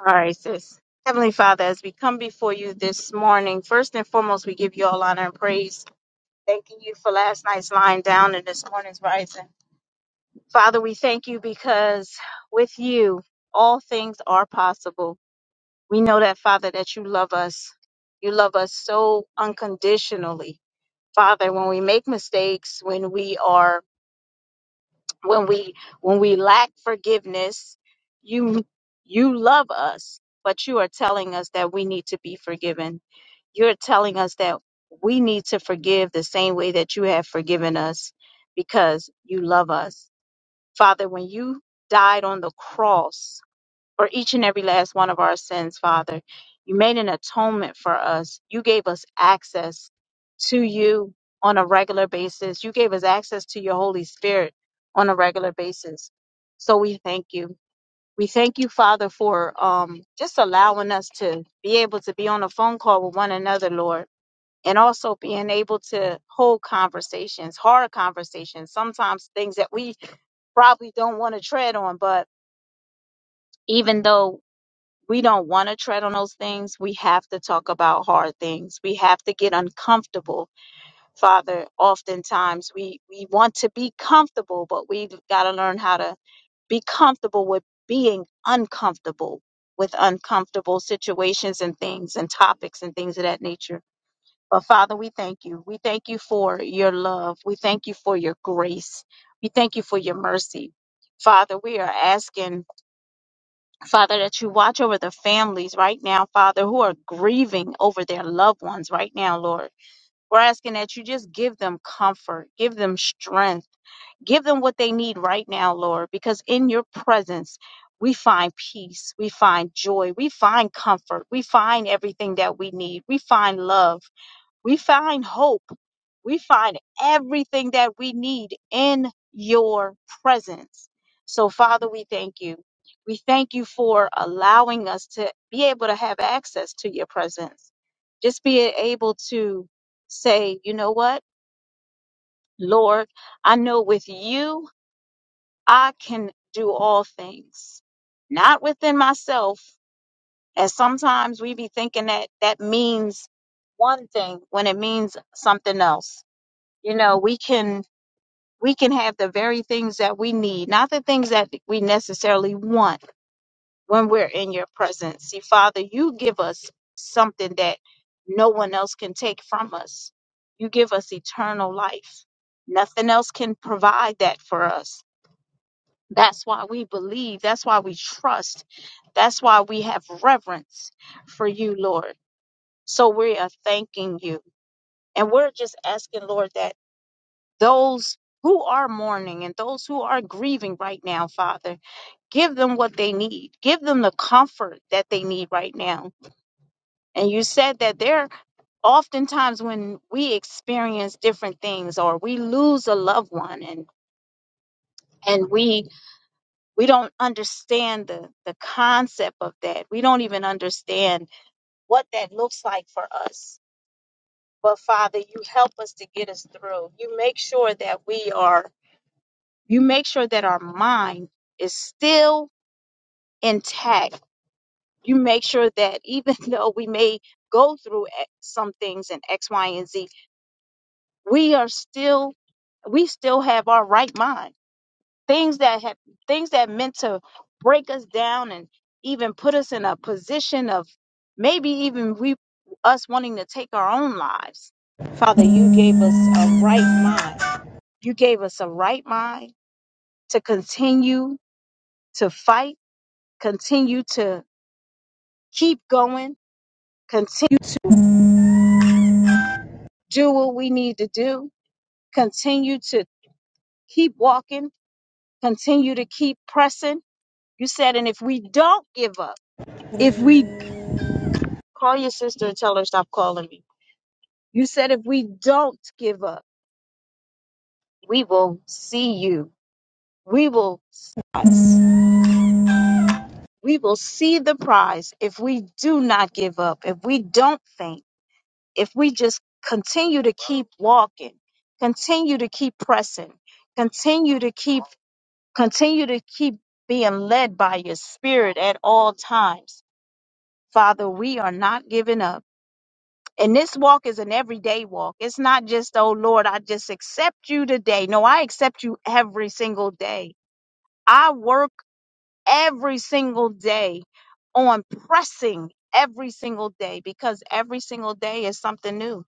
[SPEAKER 2] All right, sis. Heavenly Father, as we come before you this morning, first and foremost, we give you all honor and praise, thanking you for last night's lying down and this morning's rising. Father, we thank you because with you, all things are possible. We know that, Father, that you love us. You love us so unconditionally. Father, when we make mistakes, when we are when we when we lack forgiveness, you you love us, but you are telling us that we need to be forgiven. You're telling us that we need to forgive the same way that you have forgiven us because you love us. Father, when you died on the cross, for each and every last one of our sins, Father. You made an atonement for us. You gave us access to you on a regular basis. You gave us access to your Holy Spirit on a regular basis. So we thank you. We thank you, Father, for um, just allowing us to be able to be on a phone call with one another, Lord, and also being able to hold conversations, hard conversations, sometimes things that we probably don't want to tread on, but even though we don't want to tread on those things. We have to talk about hard things. We have to get uncomfortable. Father, oftentimes we, we want to be comfortable, but we've got to learn how to be comfortable with being uncomfortable with uncomfortable situations and things and topics and things of that nature. But Father, we thank you. We thank you for your love. We thank you for your grace. We thank you for your mercy. Father, we are asking Father, that you watch over the families right now, Father, who are grieving over their loved ones right now, Lord. We're asking that you just give them comfort, give them strength, give them what they need right now, Lord, because in your presence, we find peace, we find joy, we find comfort, we find everything that we need, we find love. We find hope. We find everything that we need in your presence. So, Father, we thank you. We thank you for allowing us to be able to have access to your presence. Just being able to say, you know what, Lord, I know with you, I can do all things, not within myself. As sometimes we be thinking that that means one thing when it means something else you know we can we can have the very things that we need not the things that we necessarily want when we're in your presence see father you give us something that no one else can take from us you give us eternal life nothing else can provide that for us that's why we believe that's why we trust that's why we have reverence for you lord so we are thanking you and we're just asking lord that those who are mourning and those who are grieving right now, Father. Give them what they need. Give them the comfort that they need right now. And you said that there oftentimes when we experience different things or we lose a loved one and and we we don't understand the the concept of that. We don't even understand what that looks like for us. But Father, you help us to get us through. You make sure that we are You make sure that our mind is still intact. You make sure that even though we may go through e- some things in X, Y, and Z, we are still we still have our right mind. Things that have things that meant to break us down and even put us in a position of maybe even we us wanting to take our own lives. Father, you gave us a right mind. You gave us a right mind to continue to fight continue to keep going, continue to do what we need to do, continue to keep walking, continue to keep pressing. You said, and if we don't give up, if we call your sister and tell her stop calling me, you said, if we don't give up, we will see you. We will see us. We will see the prize if we do not give up, if we don't faint if we just continue to keep walking, continue to keep pressing, continue to keep continue to keep being led by your spirit at all times. Father, we are not giving up. And this walk is an everyday walk. It's not just, oh Lord, I just accept you today. No, I accept you every single day. I work every single day on pressing every single day because every single day is something new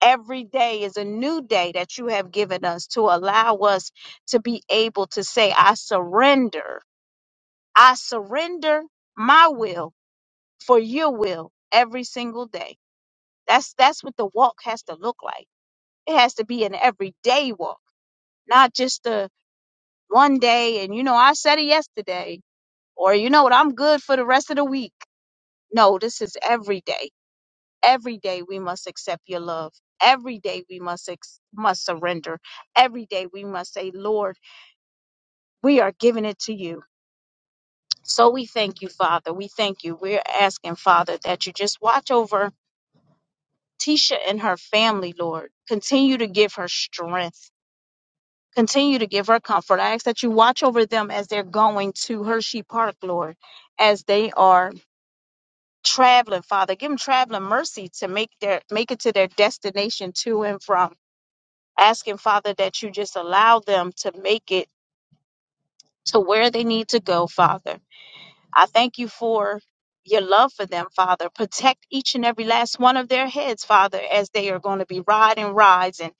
[SPEAKER 2] Every day is a new day that you have given us to allow us to be able to say, I surrender. I surrender my will for your will every single day. That's that's what the walk has to look like. It has to be an everyday walk, not just a one day and you know I said it yesterday or you know what I'm good for the rest of the week. No, this is every day. Every day we must accept your love. Every day we must ex- must surrender. Every day we must say, Lord, we are giving it to you. So we thank you, Father. We thank you. We're asking, Father, that you just watch over Tisha and her family, Lord. Continue to give her strength. Continue to give her comfort. I ask that you watch over them as they're going to Hershey Park, Lord, as they are traveling, Father. Give them traveling mercy to make their make it to their destination to and from. asking, Father, that you just allow them to make it to where they need to go, Father. I thank you for your love for them, Father. Protect each and every last one of their heads, Father, as they are going to be riding rides and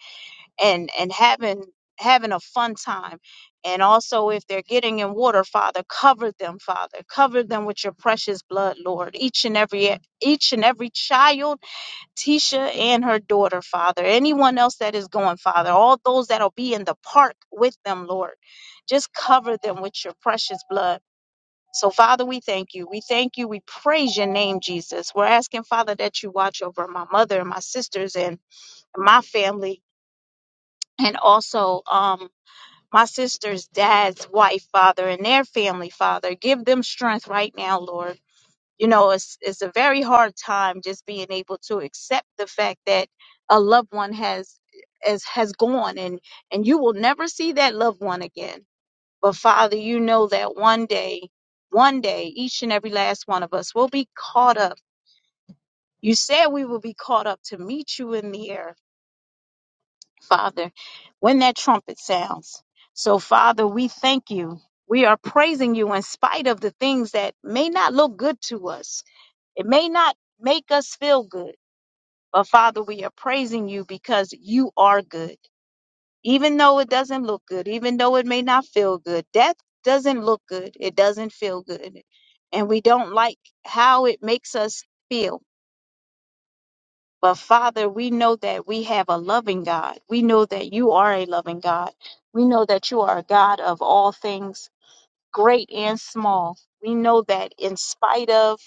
[SPEAKER 2] and and having having a fun time. And also, if they're getting in water, Father, cover them, Father. Cover them with your precious blood, Lord. Each and every each and every child Tisha and her daughter, Father, anyone else that is going, Father, all those that'll be in the park with them, Lord, just cover them with your precious blood. So, Father, we thank you. We thank you. We praise your name, Jesus. We're asking, Father, that you watch over my mother and my sisters and my family, and also um, my sister's dad's wife, Father, and their family, Father. Give them strength right now, Lord you know it's it's a very hard time just being able to accept the fact that a loved one has as has gone and and you will never see that loved one again but father you know that one day one day each and every last one of us will be caught up you said we will be caught up to meet you in the air father when that trumpet sounds so father we thank you we are praising you in spite of the things that may not look good to us it may not make us feel good, but Father, we are praising you because you are good. Even though it doesn't look good, even though it may not feel good, death doesn't look good. It doesn't feel good. And we don't like how it makes us feel. But Father, we know that we have a loving God. We know that you are a loving God. We know that you are a God of all things, great and small. We know that in spite of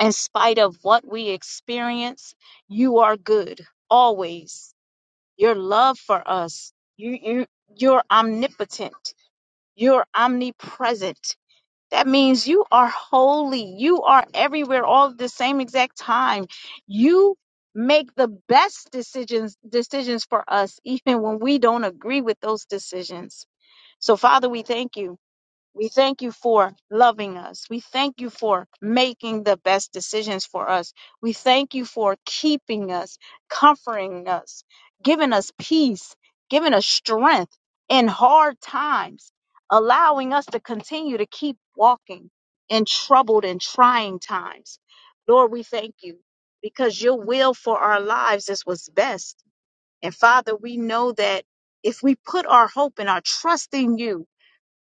[SPEAKER 2] in spite of what we experience, you are good always. Your love for us, you, you, you're omnipotent, you're omnipresent. That means you are holy, you are everywhere all at the same exact time. You make the best decisions decisions for us even when we don't agree with those decisions. So Father, we thank you. We thank you for loving us. We thank you for making the best decisions for us. We thank you for keeping us, comforting us, giving us peace, giving us strength in hard times, allowing us to continue to keep walking in troubled and trying times. Lord, we thank you because your will for our lives is what's best. And Father, we know that if we put our hope and our trust in you,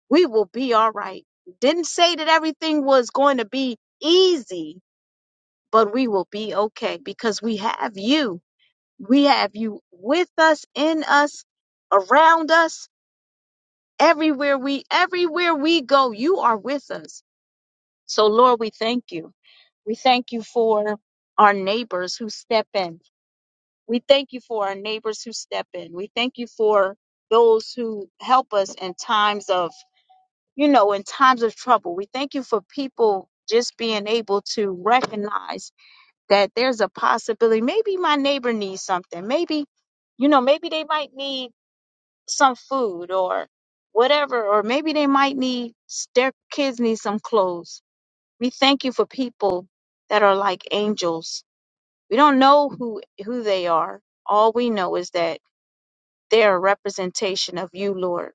[SPEAKER 2] we will be all right. Didn't say that everything was going to be easy, but we will be okay because we have you. We have you with us, in us, around us, everywhere we everywhere we go, you are with us. So Lord, we thank you. We thank you for our neighbors who step in. We thank you for our neighbors who step in. We thank you for those who help us in times of you know, in times of trouble. We thank you for people just being able to recognize that there's a possibility. Maybe my neighbor needs something. Maybe, you know, maybe they might need some food or whatever, or maybe they might need their kids need some clothes. We thank you for people that are like angels. We don't know who who they are. All we know is that they're a representation of you, Lord.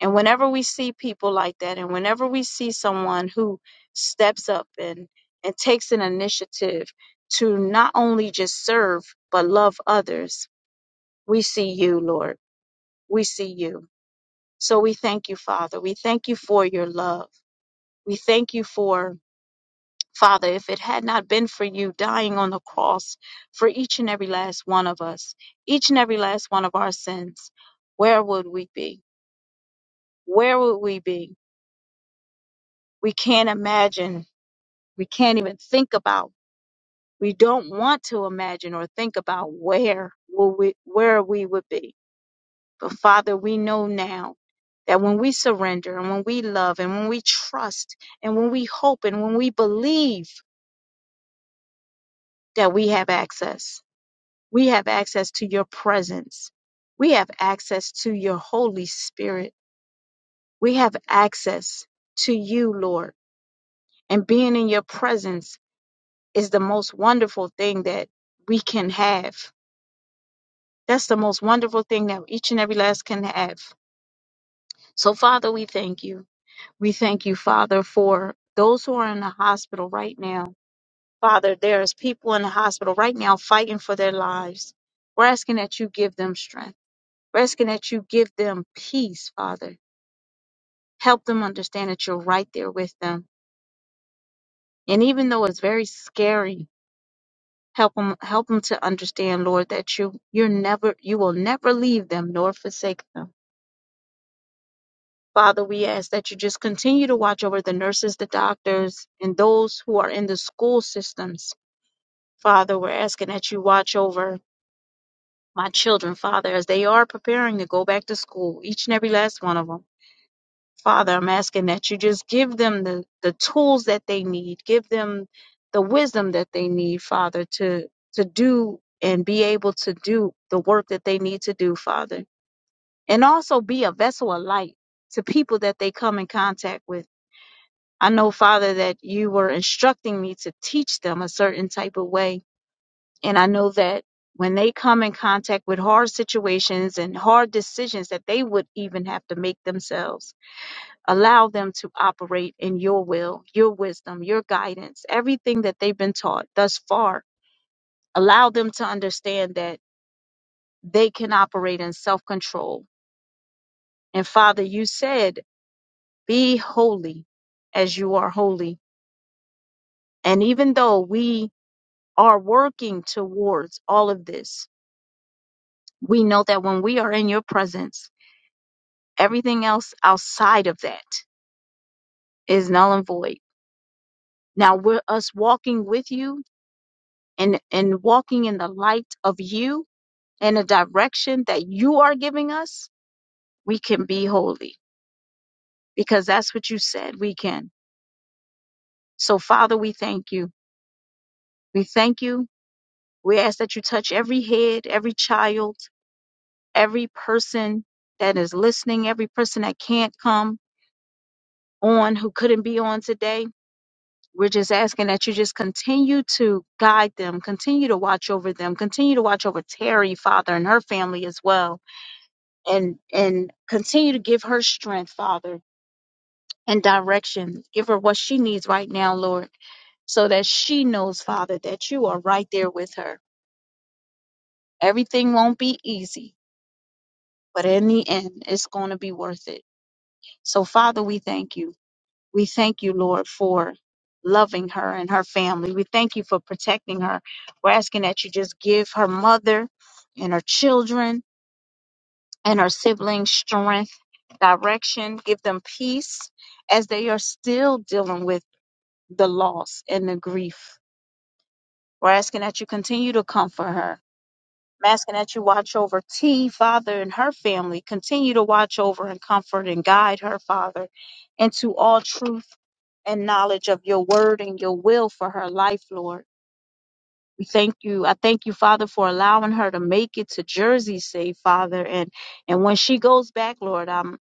[SPEAKER 2] And whenever we see people like that, and whenever we see someone who steps up and, and takes an initiative to not only just serve, but love others, we see you, Lord. We see you. So we thank you, Father. We thank you for your love. We thank you for, Father, if it had not been for you dying on the cross for each and every last one of us, each and every last one of our sins, where would we be? Where would we be? We can't imagine we can't even think about. We don't want to imagine or think about where will we where we would be. But Father, we know now that when we surrender and when we love and when we trust and when we hope and when we believe that we have access. We have access to your presence. We have access to your Holy Spirit. We have access to you, Lord. And being in your presence is the most wonderful thing that we can have That's the most wonderful thing that each and every last can have. So, Father, we thank you. We thank you, Father, for those who are in the hospital right now. Father, there's people in the hospital right now fighting for their lives. We're asking that you give them strength. We're asking that you give them peace, Father. Help them understand that you're right there with them. And even though it's very scary, help them help them to understand, Lord, that you you're never you will never leave them nor forsake them. Father, we ask that you just continue to watch over the nurses, the doctors, and those who are in the school systems. Father, we're asking that you watch over my children, Father, as they are preparing to go back to school, each and every last one of them. Father, I'm asking that you just give them the, the tools that they need, give them the wisdom that they need, Father, to, to do and be able to do the work that they need to do, Father. And also be a vessel of light to people that they come in contact with. I know, Father, that you were instructing me to teach them a certain type of way. And I know that when they come in contact with hard situations and hard decisions that they would even have to make themselves, allow them to operate in your will, your wisdom, your guidance, everything that they've been taught thus far. Allow them to understand that they can operate in self control. And Father, you said, be holy as you are holy. And even though we are working towards all of this, we know that when we are in your presence, everything else outside of that is null and void. Now, we're us walking with you and, and walking in the light of you and the direction that you are giving us, we can be holy because that's what you said we can. So, Father, we thank you. We thank you. We ask that you touch every head, every child, every person that is listening, every person that can't come. on who couldn't be on today. We're just asking that you just continue to guide them, continue to watch over them, continue to watch over Terry, Father, and her family as well, and and continue to give her strength, Father, and direction. Give her what she needs right now, Lord, so that she knows, Father, that you are right there with her. Everything won't be easy, but in the end, it's going to be worth it. So, Father, we thank you. We thank you, Lord, for loving her and her family. We thank you for protecting her. We're asking that you just give her mother and her children and her siblings strength, direction, give them peace as they are still dealing with the loss and the grief. We're asking that you continue to comfort her. I'm asking that you watch over T, Father, and her family. Continue to watch over and comfort and guide her, Father, into all truth and knowledge of your word and your will for her life, Lord. We thank you. I thank you, Father, for allowing her to make it to Jersey safe, Father. And and when she goes back, Lord, I'm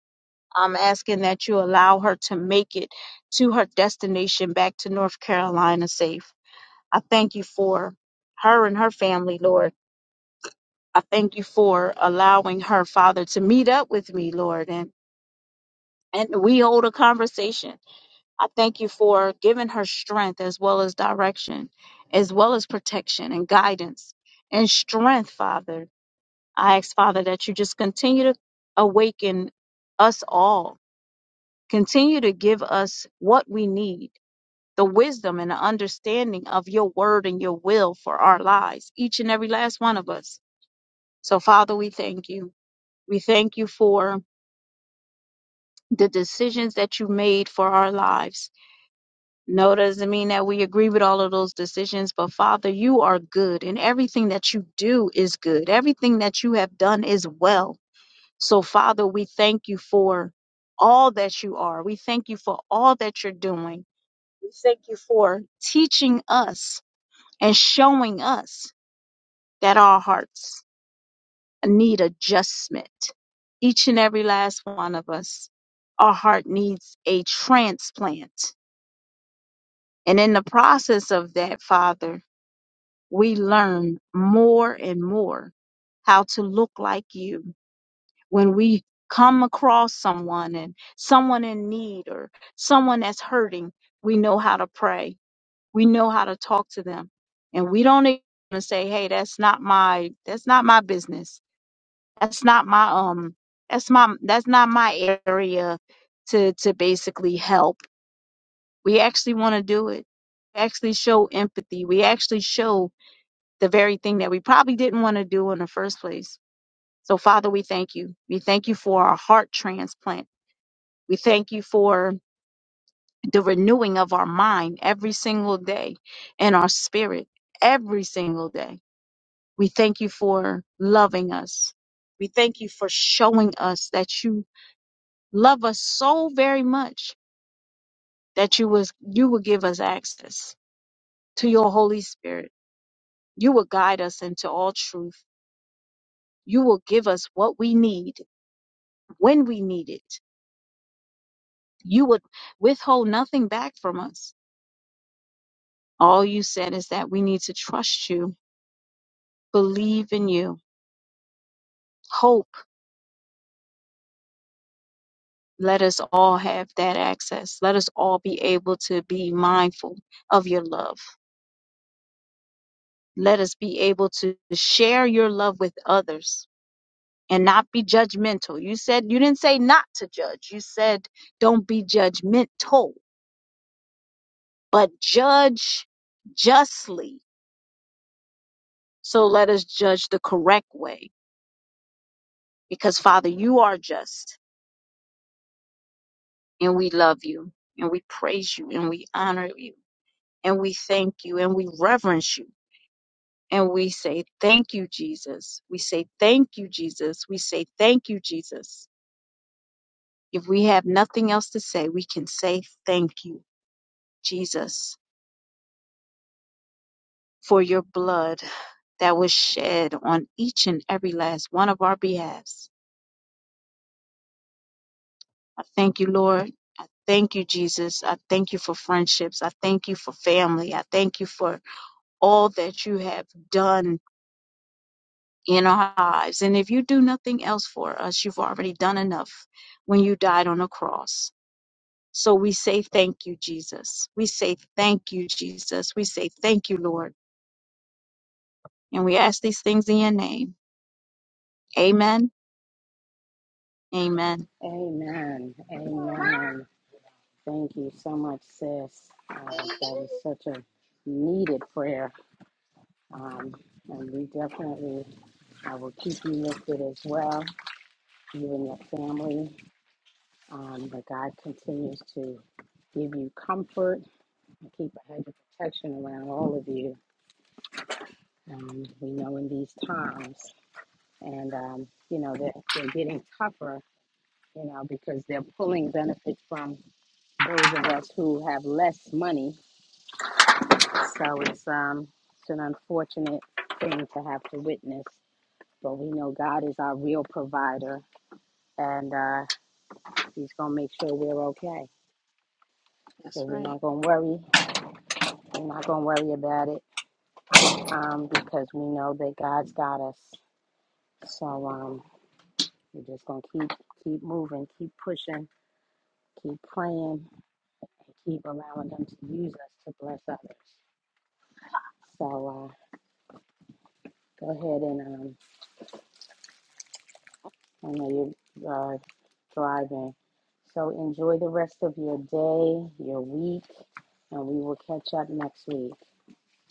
[SPEAKER 2] I'm asking that you allow her to make it to her destination back to North Carolina safe. I thank you for her and her family, Lord. I thank you for allowing her, Father, to meet up with me, Lord, and and we hold a conversation I thank you for giving her strength as well as direction, as well as protection and guidance and strength, Father. I ask, Father, that you just continue to awaken us all. Continue to give us what we need the wisdom and the understanding of your word and your will for our lives, each and every last one of us. So, Father, we thank you. We thank you for the decisions that you made for our lives No, doesn't mean that we agree with all of those decisions, but Father, you are good, and everything that you do is good. Everything that you have done is well. So, Father, we thank you for all that you are. We thank you for all that you're doing. We thank you for teaching us and showing us that our hearts need adjustment. Each and every last one of us, our heart needs a transplant. And in the process of that, Father, we learn more and more how to look like you. When we come across someone and someone in need or someone that's hurting, we know how to pray. We know how to talk to them. And we don't even say, "Hey, that's not my that's not my business. That's not my um that's my that's not my area to to basically help." We actually want to do it. We actually show empathy. We actually show the very thing that we probably didn't want to do in the first place. So, Father, we thank you. We thank you for our heart transplant. We thank you for the renewing of our mind every single day and our spirit every single day. We thank you for loving us. We thank you for showing us that you love us so very much that you was you will give us access to your Holy Spirit. You will guide us into all truth. You will give us what we need when we need it. You would withhold nothing back from us. All you said is that we need to trust you, believe in you, hope. Let us all have that access. Let us all be able to be mindful of your love. Let us be able to share your love with others and not be judgmental. You said, you didn't say not to judge. You said, don't be judgmental, but judge justly. So let us judge the correct way because Father, you are just and we love you and we praise you and we honor you and we thank you and we reverence you. And we say, thank you, Jesus. We say, thank you, Jesus. We say, thank you, Jesus. If we have nothing else to say, we can say, thank you, Jesus, for your blood that was shed on each and every last one of our behalves. I thank you, Lord. I thank you, Jesus. I thank you for friendships. I thank you for family. I thank you for all that you have done in our lives. And if you do nothing else for us, you've already done enough when you died on the cross. So we say thank you, Jesus. We say thank you, Jesus. We say thank you, Lord. And we ask these things in your name. Amen. Amen.
[SPEAKER 1] Amen. Amen. Thank you so much, sis. Uh, that was such a needed prayer. Um, and we definitely I will keep you lifted as well, you and your family. Um, but God continues to give you comfort and keep a hedge of protection around all of you um, we know in these times. And, um, you know, they're, they're getting tougher, you know, because they're pulling benefits from those of us who have less money. So it's, um, it's an unfortunate thing to have to witness. But we know God is our real provider, and uh, He's going to make sure we're okay.
[SPEAKER 2] That's
[SPEAKER 1] So we're
[SPEAKER 2] right.
[SPEAKER 1] not going to worry. We're not going to worry about it um, because we know that God's got us. So um, we're just going to keep keep moving, keep pushing keep praying and keep allowing them to use us to bless others. So uh, go ahead and um, I know you're uh, driving. So enjoy the rest of your day, your week, and we will catch up next week.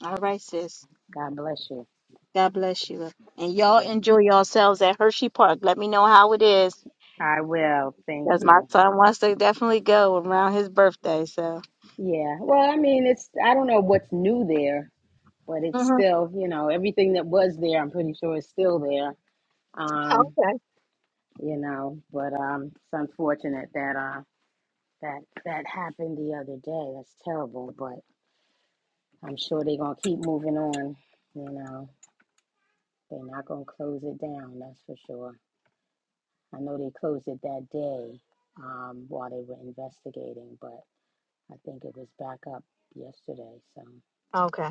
[SPEAKER 2] All right, sis.
[SPEAKER 1] God bless you.
[SPEAKER 2] God bless you. And y'all
[SPEAKER 1] Yeah.
[SPEAKER 2] enjoy yourselves at Hershey Park. Let me know how it is.
[SPEAKER 1] I will. Thank
[SPEAKER 2] Because my
[SPEAKER 1] you.
[SPEAKER 2] son wants to definitely go around his birthday. So,
[SPEAKER 1] Yeah. Well, I mean, it's, I don't know what's new there, but it's
[SPEAKER 2] hmm
[SPEAKER 1] still, you know, everything that was there, I'm pretty sure is still there. Um, you know, but um, it's unfortunate that uh, That that happened the other day. That's terrible, but I'm sure they're gonna keep moving on. You know, they're not gonna close it down. That's for sure. I know they closed it that day um, while they were investigating, but I think it was back up yesterday. So,
[SPEAKER 2] okay.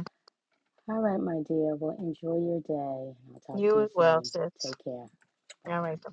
[SPEAKER 1] all right, my dear. Well, enjoy your day. I'll talk to
[SPEAKER 2] You
[SPEAKER 1] you
[SPEAKER 2] as well,
[SPEAKER 1] soon.
[SPEAKER 2] sis.
[SPEAKER 1] Take care.
[SPEAKER 2] All right. Bye.